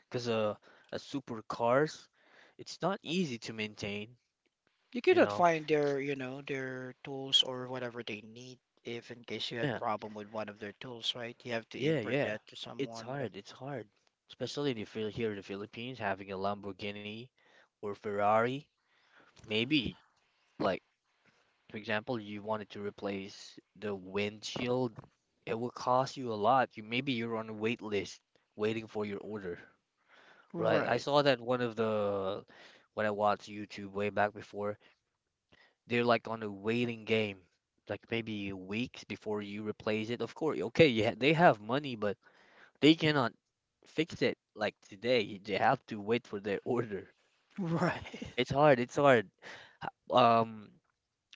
S1: Because a super cars, it's not easy to maintain,
S2: You
S1: you
S2: cannot
S1: know.
S2: find their, you know, their tools or whatever they need if in case you had
S1: Yeah,
S2: problem with one of their tools, right? You have to
S1: yeah,
S2: import
S1: yeah.
S2: that to
S1: It's
S2: someone, whatever.
S1: hard. It's hard. Especially if you're here in the Philippines, having a Lamborghini or Ferrari, maybe like for example, you wanted to replace the windshield, it will cost you a lot. You maybe you're on a wait list waiting for your order, right? I
S2: Right.
S1: saw that one of the when I watched YouTube way back before, they're like on a waiting game, like maybe weeks before you replace it. Of course, okay, yeah, they have money, but they cannot fix it like today. They have to wait for their order.
S2: Right.
S1: It's hard, it's hard. Um,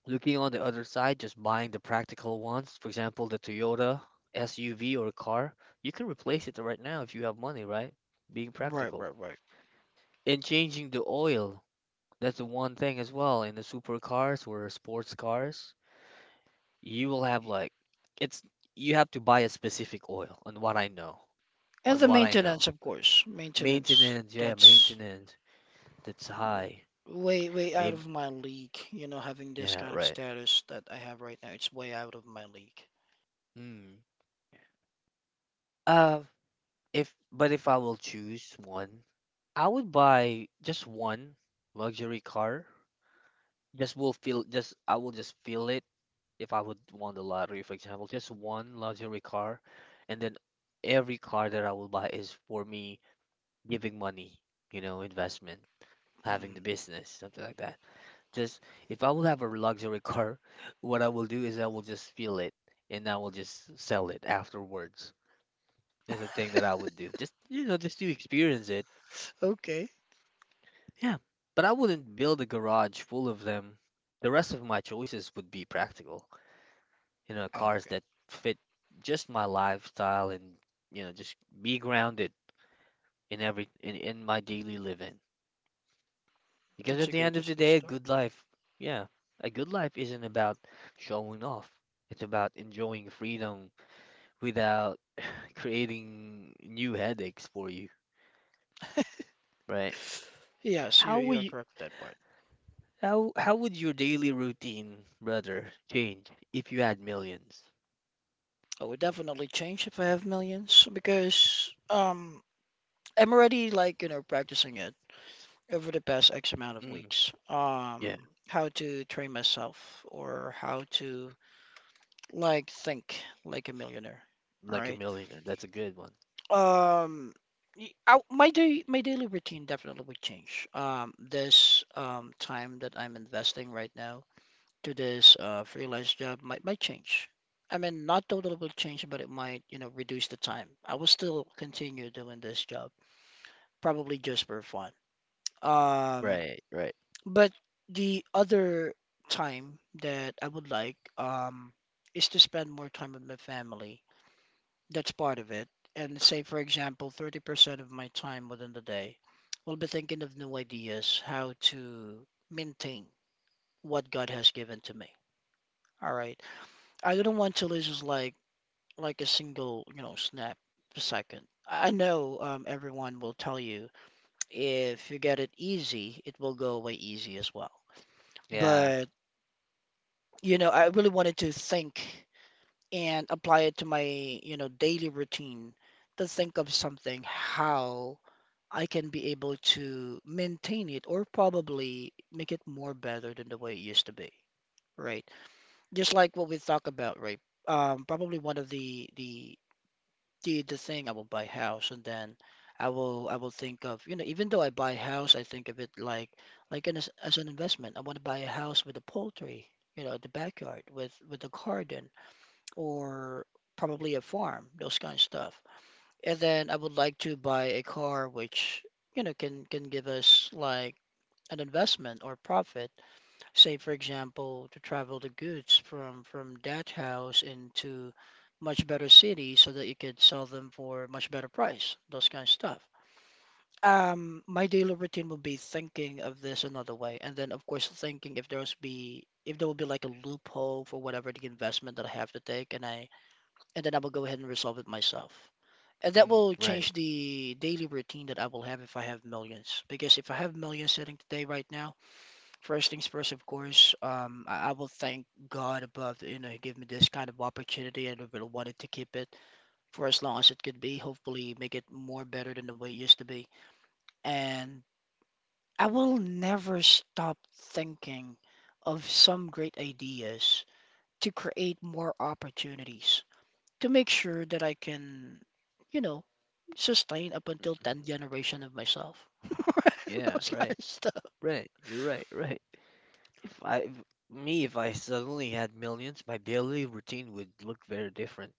S1: Looking on the other side, just buying the practical ones, for example, the Toyota SUV or a car, you can replace it right now if you have money, right? Being
S2: Right, right,
S1: practical.
S2: right.
S1: And changing the oil, that's the one thing as well. In the supercars or sports cars, you will have like, it's, you have to buy a specific oil, on what I know.
S2: And
S1: On
S2: the
S1: what I know.
S2: maintenance, of course. Maintenance,
S1: Maintenance, yeah,
S2: that's
S1: maintenance, that's high.
S2: way, way out
S1: Maybe,
S2: of my league, you know, having this
S1: yeah,
S2: kind of
S1: right.
S2: status that I have right now, it's way out of my league.
S1: Hmm. Uh, If but if I will choose one, I would buy just one luxury car. Just will feel just I will just feel it if I would won the lottery, for example, just one luxury car, and then every car that I will buy is for me giving money, you know, investment, having
S2: Mm.
S1: the business, something like that. Just if I will have a luxury car, what I will do is I will just feel it and I will just sell it afterwards. That's the thing that I would do. Just you know, just to experience it.
S2: Okay.
S1: Yeah, but I wouldn't build a garage full of them. The rest of my choices would be practical. You know, cars
S2: Okay.
S1: that fit just my lifestyle and, you know, just be grounded in my daily living. Because at the end of
S2: That's a
S1: the
S2: good
S1: day,
S2: start.
S1: yeah, a good life isn't about showing off. It's about enjoying freedom without creating new headaches for you, right?
S2: Yes, you
S1: How
S2: you
S1: would
S2: are
S1: you
S2: correct with that part.
S1: How how would your daily routine, brother, change if you had millions?
S2: I would definitely change if I have millions because I'm already like, you know, practicing it over the past X amount of
S1: Mm,
S2: weeks.
S1: yeah,
S2: How to train myself or how to like think like a millionaire. All
S1: like a
S2: right.
S1: millionaire. That's a good one.
S2: Um, my daily routine definitely would change. This time that I'm investing right now to this freelance job might change. I mean, not totally will change, but it might, you know, reduce the time. I will still continue doing this job, probably just for fun. Um,
S1: Right, right.
S2: but the other time that I would like is to spend more time with my family. That's part of it. And say, for example, 30% of my time within the day will be thinking of new ideas, how to maintain what God has given to me. All right. I don't want to lose like a single, snap a second. I know, everyone will tell you if you get it easy, it will go away easy as well.
S1: Yeah.
S2: But, you know, I really wanted to think and apply it to my, you know, daily routine, to think of something how I can be able to maintain it or probably make it more better than the way it used to be, right? Just like what we talk about, right? Probably one of the thing I will buy house, and then I will think of, you know, even though I buy house, I think of it like an, as an investment. I want to buy a house with a poultry, you know, the backyard with a garden or probably a farm, those kind of stuff. And then I would like to buy a car which, you know, can give us like an investment or profit. Say, for example, to travel the goods from that house into much better city so that you could sell them for much better price, those kind of stuff. My daily routine would be thinking of this another way, and then of course thinking if there's be if there will be like a loophole for whatever the investment that I have to take, and then I will go ahead and resolve it myself. And that
S1: Mm,
S2: will
S1: right.
S2: change the daily routine that I will have if I have millions. Because if I have millions sitting today right now, first things first, of course, I will thank God above, you know, he gave me this kind of opportunity and I really wanted to keep it for as long as it could be. Hopefully, make it more better than the way it used to be. And I will never stop thinking of some great ideas to create more opportunities to make sure that I can, you know, sustain up until
S1: Mm,
S2: 10th generation of myself.
S1: yeah,
S2: Those kind
S1: right.
S2: of stuff.
S1: Right. You're right, right. If I if I suddenly had millions, my daily routine would look very different,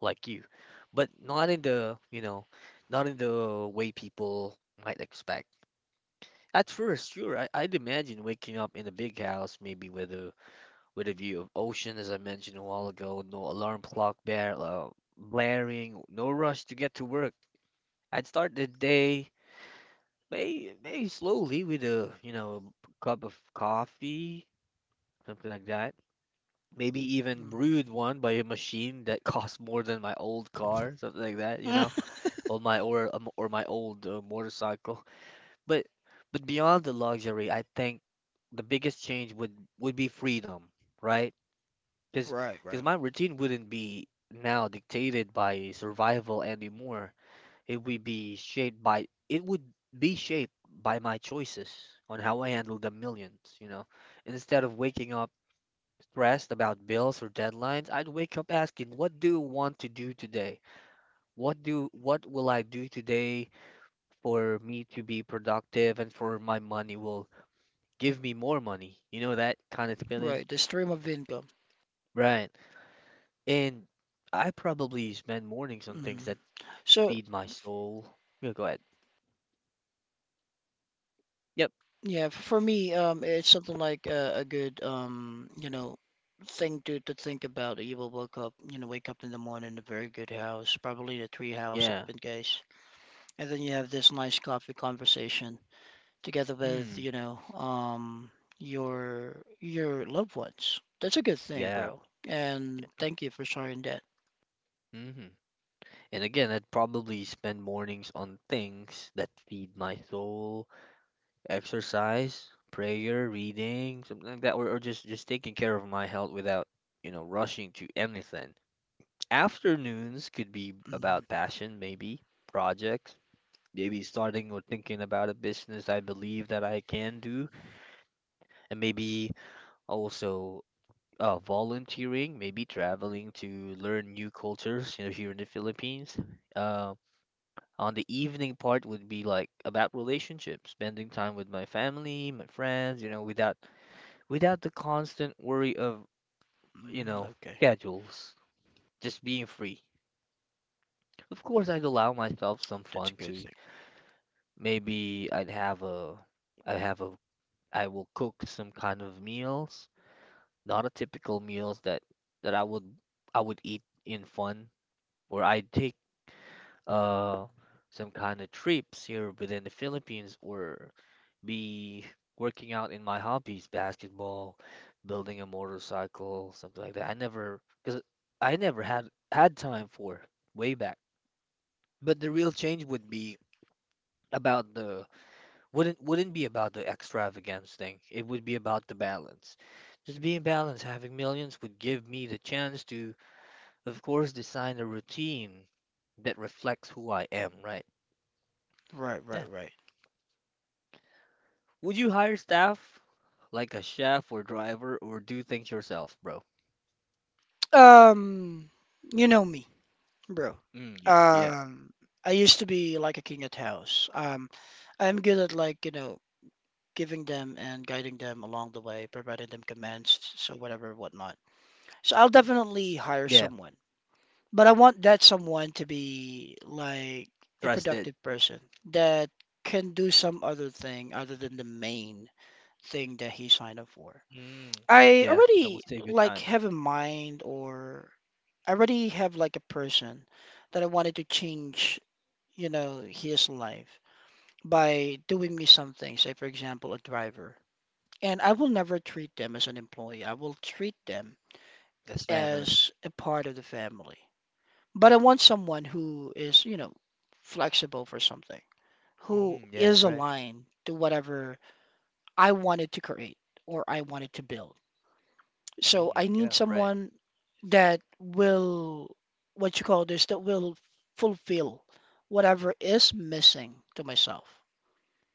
S1: like you. But not in the, you know, not in the way people might expect. At first, sure, I'd imagine waking up in a big house, maybe with a view of ocean, as I mentioned a while ago. No alarm clock blaring, no rush to get to work. I'd start the day maybe slowly with a you know cup of coffee, something like that. Maybe even brewed one by a machine that costs more than my old car, something like that, you know,
S2: Mm.
S1: or my old motorcycle. But but beyond the luxury, I think the biggest change would be freedom, right? Because
S2: Right,
S1: because
S2: right,
S1: my routine wouldn't be now dictated by survival anymore. It would be shaped by my choices on how I handle the millions, you know. Instead of waking up stressed about bills or deadlines, I'd wake up asking, what do I want to do today? What will I do today for me to be productive and for my money will give me more money? You know that kind of feeling?
S2: right. The stream of income.
S1: Right. And I probably spend mornings on things
S2: Mm.
S1: that
S2: So
S1: feed my soul. Yeah, go ahead. Yep.
S2: yeah, for me, it's something like a good you know, thing to think about. You will wake up, in the morning in a very good house, probably a tree house if in
S1: Yeah.
S2: case, and then you have this nice coffee conversation together with,
S1: Hmm.
S2: you know, your loved ones. That's a good thing,
S1: Yeah.
S2: bro. And thank you for sharing that.
S1: mm hmm And again, I'd probably spend mornings on things that feed my soul, exercise, prayer, reading, something like that, or just taking care of my health without, you know, rushing to anything. Afternoons could be
S2: Mm,
S1: about passion, maybe projects, maybe starting or thinking about a business I believe that I can do, and maybe also volunteering, maybe traveling to learn new cultures, you know, here in the Philippines. Uh, on the evening part would be like about relationships, spending time with my family, my friends, you know, without the constant worry of, you
S2: mm,
S1: know,
S2: okay,
S1: schedules, just being free. Of course, I'd allow myself some
S2: that's a
S1: fun
S2: good thing.
S1: too. Maybe I'd have a, I will cook some kind of meals, not a typical meals that I would eat in fun or I take uh some kind of trips here within the Philippines or be working out in my hobbies, basketball, building a motorcycle, something like that. I never had had time for way back. But the real change would be about the wouldn't be about the extravagance thing. It would be about the balance. Just being balanced, having millions would give me the chance to, of course, design a routine that reflects who I am, right?
S2: Right, right,
S1: Yeah.
S2: right.
S1: Would you hire staff like a chef or driver or do things yourself, bro?
S2: Um, you know me, bro.
S1: Mm, yeah, yeah,
S2: Um, I used to be like a king at house. I'm good at like, you know, giving them and guiding them along the way, providing them commands, so whatever, whatnot. So I'll definitely hire
S1: yeah.
S2: someone. But I want that someone to be like a
S1: Trusted.
S2: productive person that can do some other thing other than the main thing that he signed up for.
S1: Mm,
S2: I
S1: yeah, that will
S2: already
S1: save your
S2: like
S1: time.
S2: have in mind or I already have like a person that I wanted to change, you know, his life by doing me something, say for example, a driver. And I will never treat them as an employee. I will treat them
S1: That's family.
S2: as a part of the family. But I want someone who is, you know, flexible for something, who
S1: Mm, yeah,
S2: is
S1: right.
S2: aligned to whatever I wanted to create or I wanted to build. So
S1: Mm,
S2: I
S1: yeah,
S2: need
S1: right.
S2: someone that will, what you call this, that will fulfill whatever is missing to myself.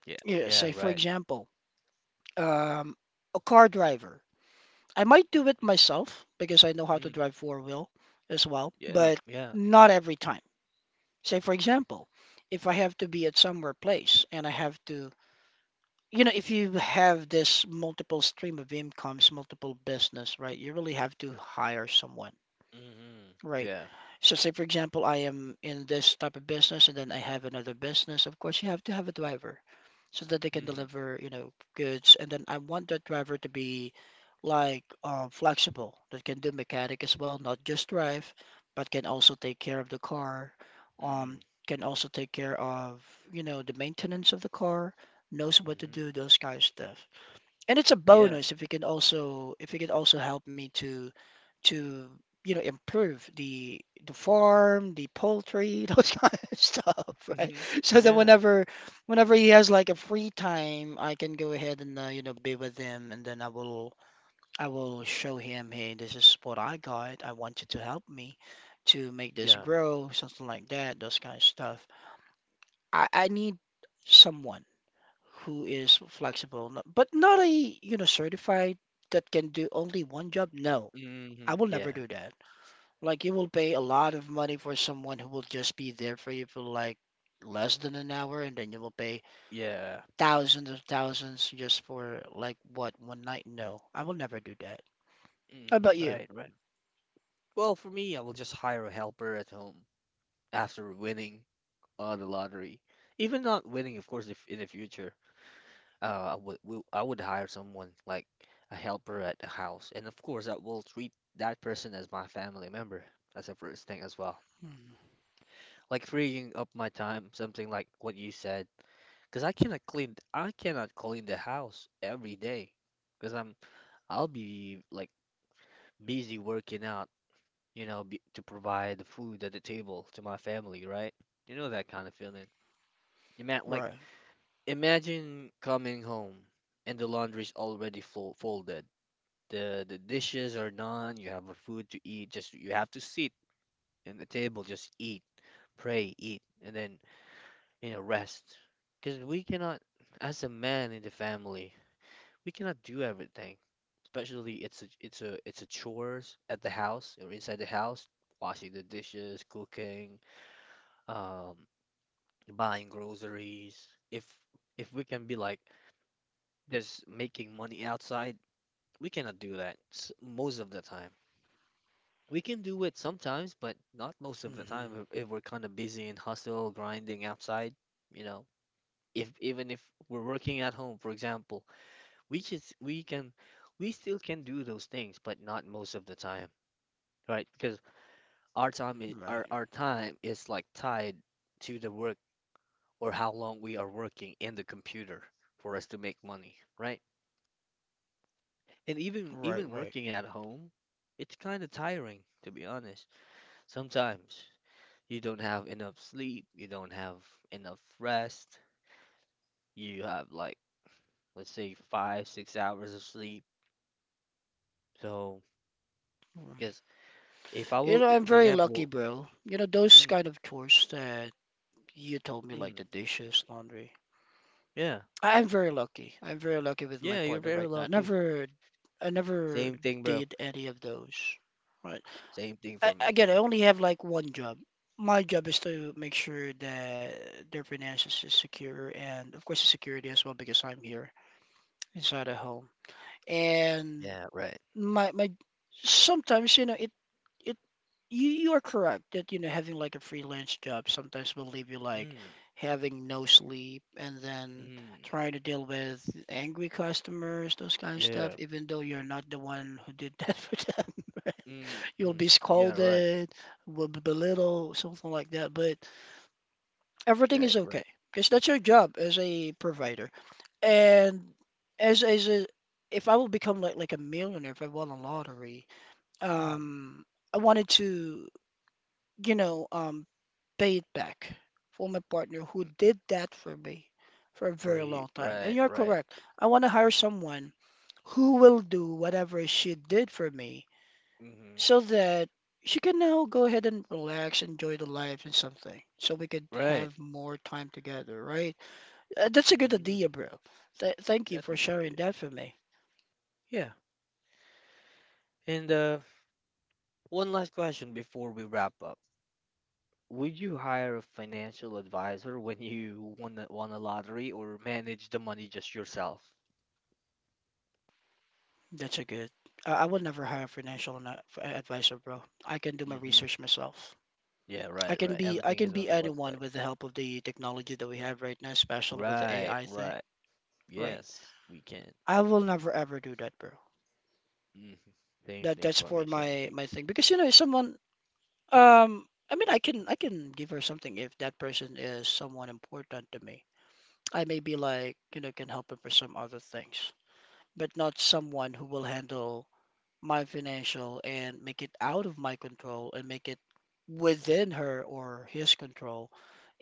S1: Yeah,
S2: Yeah,
S1: yeah,
S2: say, for
S1: right.
S2: example, um, a car driver. I might do it myself because I know how to
S1: Mm,
S2: drive four-wheel as well,
S1: yeah,
S2: but
S1: yeah.
S2: not every time. Say, for example, if I have to be at somewhere place and I have to, you know, if you have this multiple stream of incomes, multiple business, right? You really have to hire someone.
S1: Mm-hmm.
S2: Right.
S1: Yeah.
S2: So say for example, I am in this type of business and then I have another business. Of course, you have to have a driver so that they can
S1: Mm-hmm.
S2: deliver, you know, goods. And then I want that driver to be like flexible, that can do mechanic as well, not just drive, but can also take care of the car, um,
S1: Mm-hmm.
S2: can also take care of, you know, the maintenance of the car, knows what to
S1: Mm-hmm.
S2: do, those kind of stuff. And it's a
S1: Yeah.
S2: bonus if you can also if you can also help me to to, you know, improve the farm, the poultry, those kind of stuff, right?
S1: Mm-hmm.
S2: So that
S1: Yeah.
S2: whenever he has like a free time, I can go ahead and you know be with him, and then I will show him, hey, this is what I got. I want you to help me to make this
S1: Yeah.
S2: grow, something like that, those kind of stuff. I need someone who is flexible, but not a, you know, certified that can do only one job. No,
S1: Mm-hmm.
S2: I will never
S1: Yeah.
S2: do that. Like you will pay a lot of money for someone who will just be there for you for like less than an hour, and then you will pay
S1: Yeah.
S2: thousands of thousands just for like what one night? No, I will never do that. How about
S1: Mm,
S2: you?
S1: right, right. Well, for me, I will just hire a helper at home after winning the lottery. Even not winning, of course, if in the future, I would hire someone like a helper at the house, and of course, I will treat that person as my family member. That's the first thing as well.
S2: Hmm.
S1: Like freeing up my time, something like what you said, because I cannot clean the house every day, because I'll be like busy working out, you know, be, to provide the food at the table to my family, right? You know that kind of feeling. You meant like
S2: Right.
S1: imagine coming home and the laundry's already fo folded. The dishes are done. You have a food to eat. Just you have to sit in the table, just eat, pray, eat, and then you know rest. Because we cannot, as a man in the family, we cannot do everything. Especially it's a chores at the house or inside the house, washing the dishes, cooking, um, buying groceries. If we can be like just making money outside, we cannot do that most of the time. We can do it sometimes, but not most of the
S2: Hmm.
S1: time if we're kind of busy in hustle, grinding outside, you know. If even if we're working at home, for example, we just we can we still can do those things, but not most of the time, right? Because
S2: Right.
S1: our time is like tied to the work or how long we are working in the computer for us to make money, right? And even
S2: Right.
S1: even
S2: Right.
S1: working at home, it's kind of tiring, to be honest. Sometimes you don't have enough sleep, you don't have enough rest, you have, like, let's say, 5, 6 hours of sleep. So,
S2: Right.
S1: because if I
S2: You
S1: will,
S2: know, I'm
S1: for
S2: very lucky,
S1: example,
S2: bro. You know, those
S1: mm,
S2: kind of chores that you told me, like
S1: mm,
S2: the dishes, laundry.
S1: yeah,
S2: I'm very lucky. I'm very lucky with my
S1: yeah, you're
S2: partner
S1: very
S2: right now. I
S1: lucky.
S2: never, I never
S1: Same thing, bro.
S2: did any of those. Right.
S1: Same thing
S2: I,
S1: for me.
S2: again, I only have like one job. My job is to make sure that their finances is secure and of course the security as well because I'm here inside a home. And
S1: Yeah, right.
S2: my sometimes you know it you are correct that you know having like a freelance job sometimes will leave you like
S1: Mm,
S2: having no sleep and then
S1: mm,
S2: trying to deal with angry customers, those kind of stuff,
S1: yeah,
S2: even though you're not the one who did that for them.
S1: mm,
S2: You'll
S1: mm,
S2: be
S1: yeah, right,
S2: scolded, will be belittled, something like that. But everything
S1: yeah,
S2: is okay
S1: right.
S2: because that's your job as a provider. And as as a, if I will become like a millionaire, if I won a lottery,
S1: Mm,
S2: um, I wanted to, you know, pay it back for my partner who
S1: mm,
S2: did that for me for a
S1: for
S2: very
S1: you,
S2: long time. And
S1: right,
S2: you're
S1: right.
S2: correct. I want to hire someone who will do whatever she did for me
S1: Mm-hmm,
S2: so that she can now go ahead and relax, enjoy the life and something, so we could
S1: right.
S2: have more time together, right? That's a good
S1: Mm-hmm.
S2: idea, bro. Th Thank you
S1: That's a
S2: for
S1: good
S2: sharing
S1: idea.
S2: that for me.
S1: Yeah, and. One last question before we wrap up. Would you hire a financial advisor when you won the, won a lottery, or manage the money just yourself?
S2: That's a good. I would never hire a financial advisor, bro. I can do my
S1: Mm-hmm.
S2: research myself.
S1: Yeah, right, right.
S2: I
S1: Everything
S2: can
S1: is
S2: be
S1: on the
S2: anyone
S1: website.
S2: with the help of the technology that we have right now, especially with the
S1: Right,
S2: AI thing,
S1: right.
S2: right?
S1: Yes, we can.
S2: I will never ever do that, bro.
S1: Hmm Same
S2: That
S1: thing
S2: that's
S1: for
S2: for
S1: me, same
S2: my
S1: thing.
S2: my thing because you know, if someone I can give her something if that person is someone important to me. I may be like, you know, can help her for some other things, but not someone who will handle my financial and make it out of my control and make it within her or his control.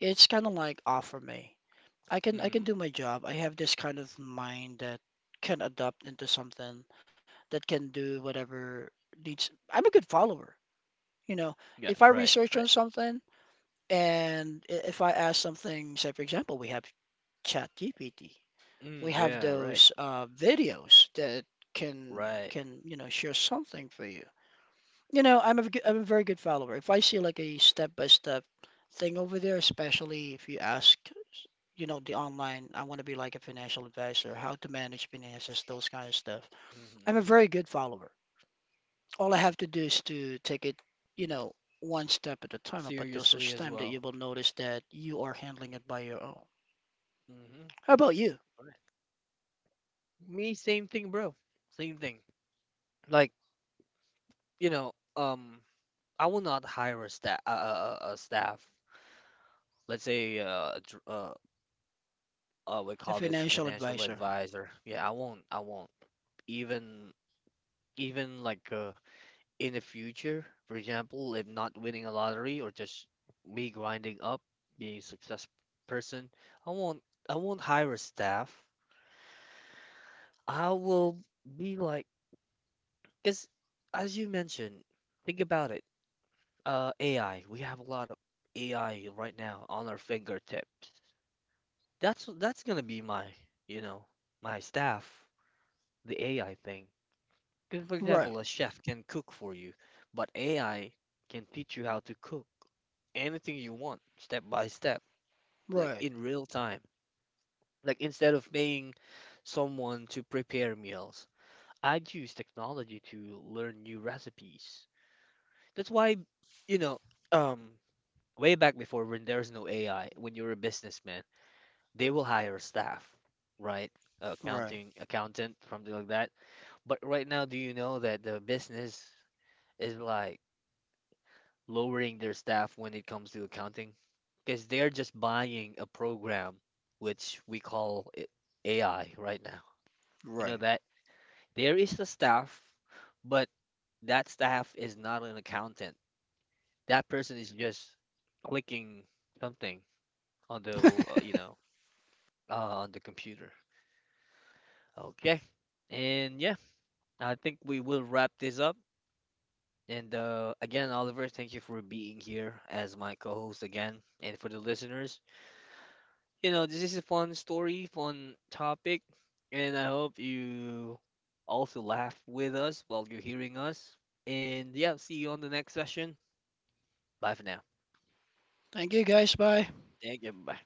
S2: It's kind of like offer me. I can
S1: Mm.
S2: do my job. I have this kind of mind that can adapt into something that can do whatever needs. I'm a good follower, you know.
S1: Yeah,
S2: If I
S1: right,
S2: research
S1: right.
S2: on something. And if I ask something, say for example, we have ChatGPT, we have
S1: Yeah, right,
S2: those videos that can
S1: right.
S2: can you know share something for you. You know, I'm a very good follower. If I see like a step by step thing over there, especially if you ask, you know, the online, I want to be like a financial advisor, how to manage finances, those kind of stuff. I'm a
S1: hmm
S2: very good follower all I have to do is to take it, you know, one step at a time up until
S1: Seriously
S2: such
S1: as
S2: time that you
S1: well.
S2: will notice that you are handling it by your own.
S1: Mm-hmm.
S2: How about you,
S1: Right. Me, same thing, bro. Same thing. Like, you know, um, I will not hire a staff, a staff. Let's say, we
S2: a
S1: call this
S2: financial
S1: financial
S2: advisor?
S1: advisor. Yeah, I won't. I won't. Even, even like, in the future, for example, if not winning a lottery or just me grinding up, being a success person, I won't. I won't hire a staff. I will be like, because as you mentioned, think about it. AI. We have a lot of AI right now on our fingertips. That's gonna be my, you know, my staff, the AI thing. Because, for example,
S2: Right,
S1: a chef can cook for you, but AI can teach you how to cook anything you want, step by step, like
S2: right,
S1: in real time. Like, instead of paying someone to prepare meals, I'd use technology to learn new recipes. That's why, you know, um, way back before when there's no AI, when you're a businessman, they will hire staff, right?
S2: right,
S1: Accounting accountant, something like that. But right now, do you know that the business is like lowering their staff when it comes to accounting? Because they're just buying a program which we call it AI right now. You know
S2: right.
S1: that there is the staff, but that staff is not an accountant. That person is just clicking something on the uh, on the computer. Okay. And yeah, I think we will wrap this up. And again, Oliver, thank you for being here as my co host again. And for the listeners, you know, this is a fun story, fun topic. And I hope you also laugh with us while you're hearing us. And yeah, see you on the next session. Bye for now.
S2: Thank you, guys. Bye.
S1: Thank you. Bye.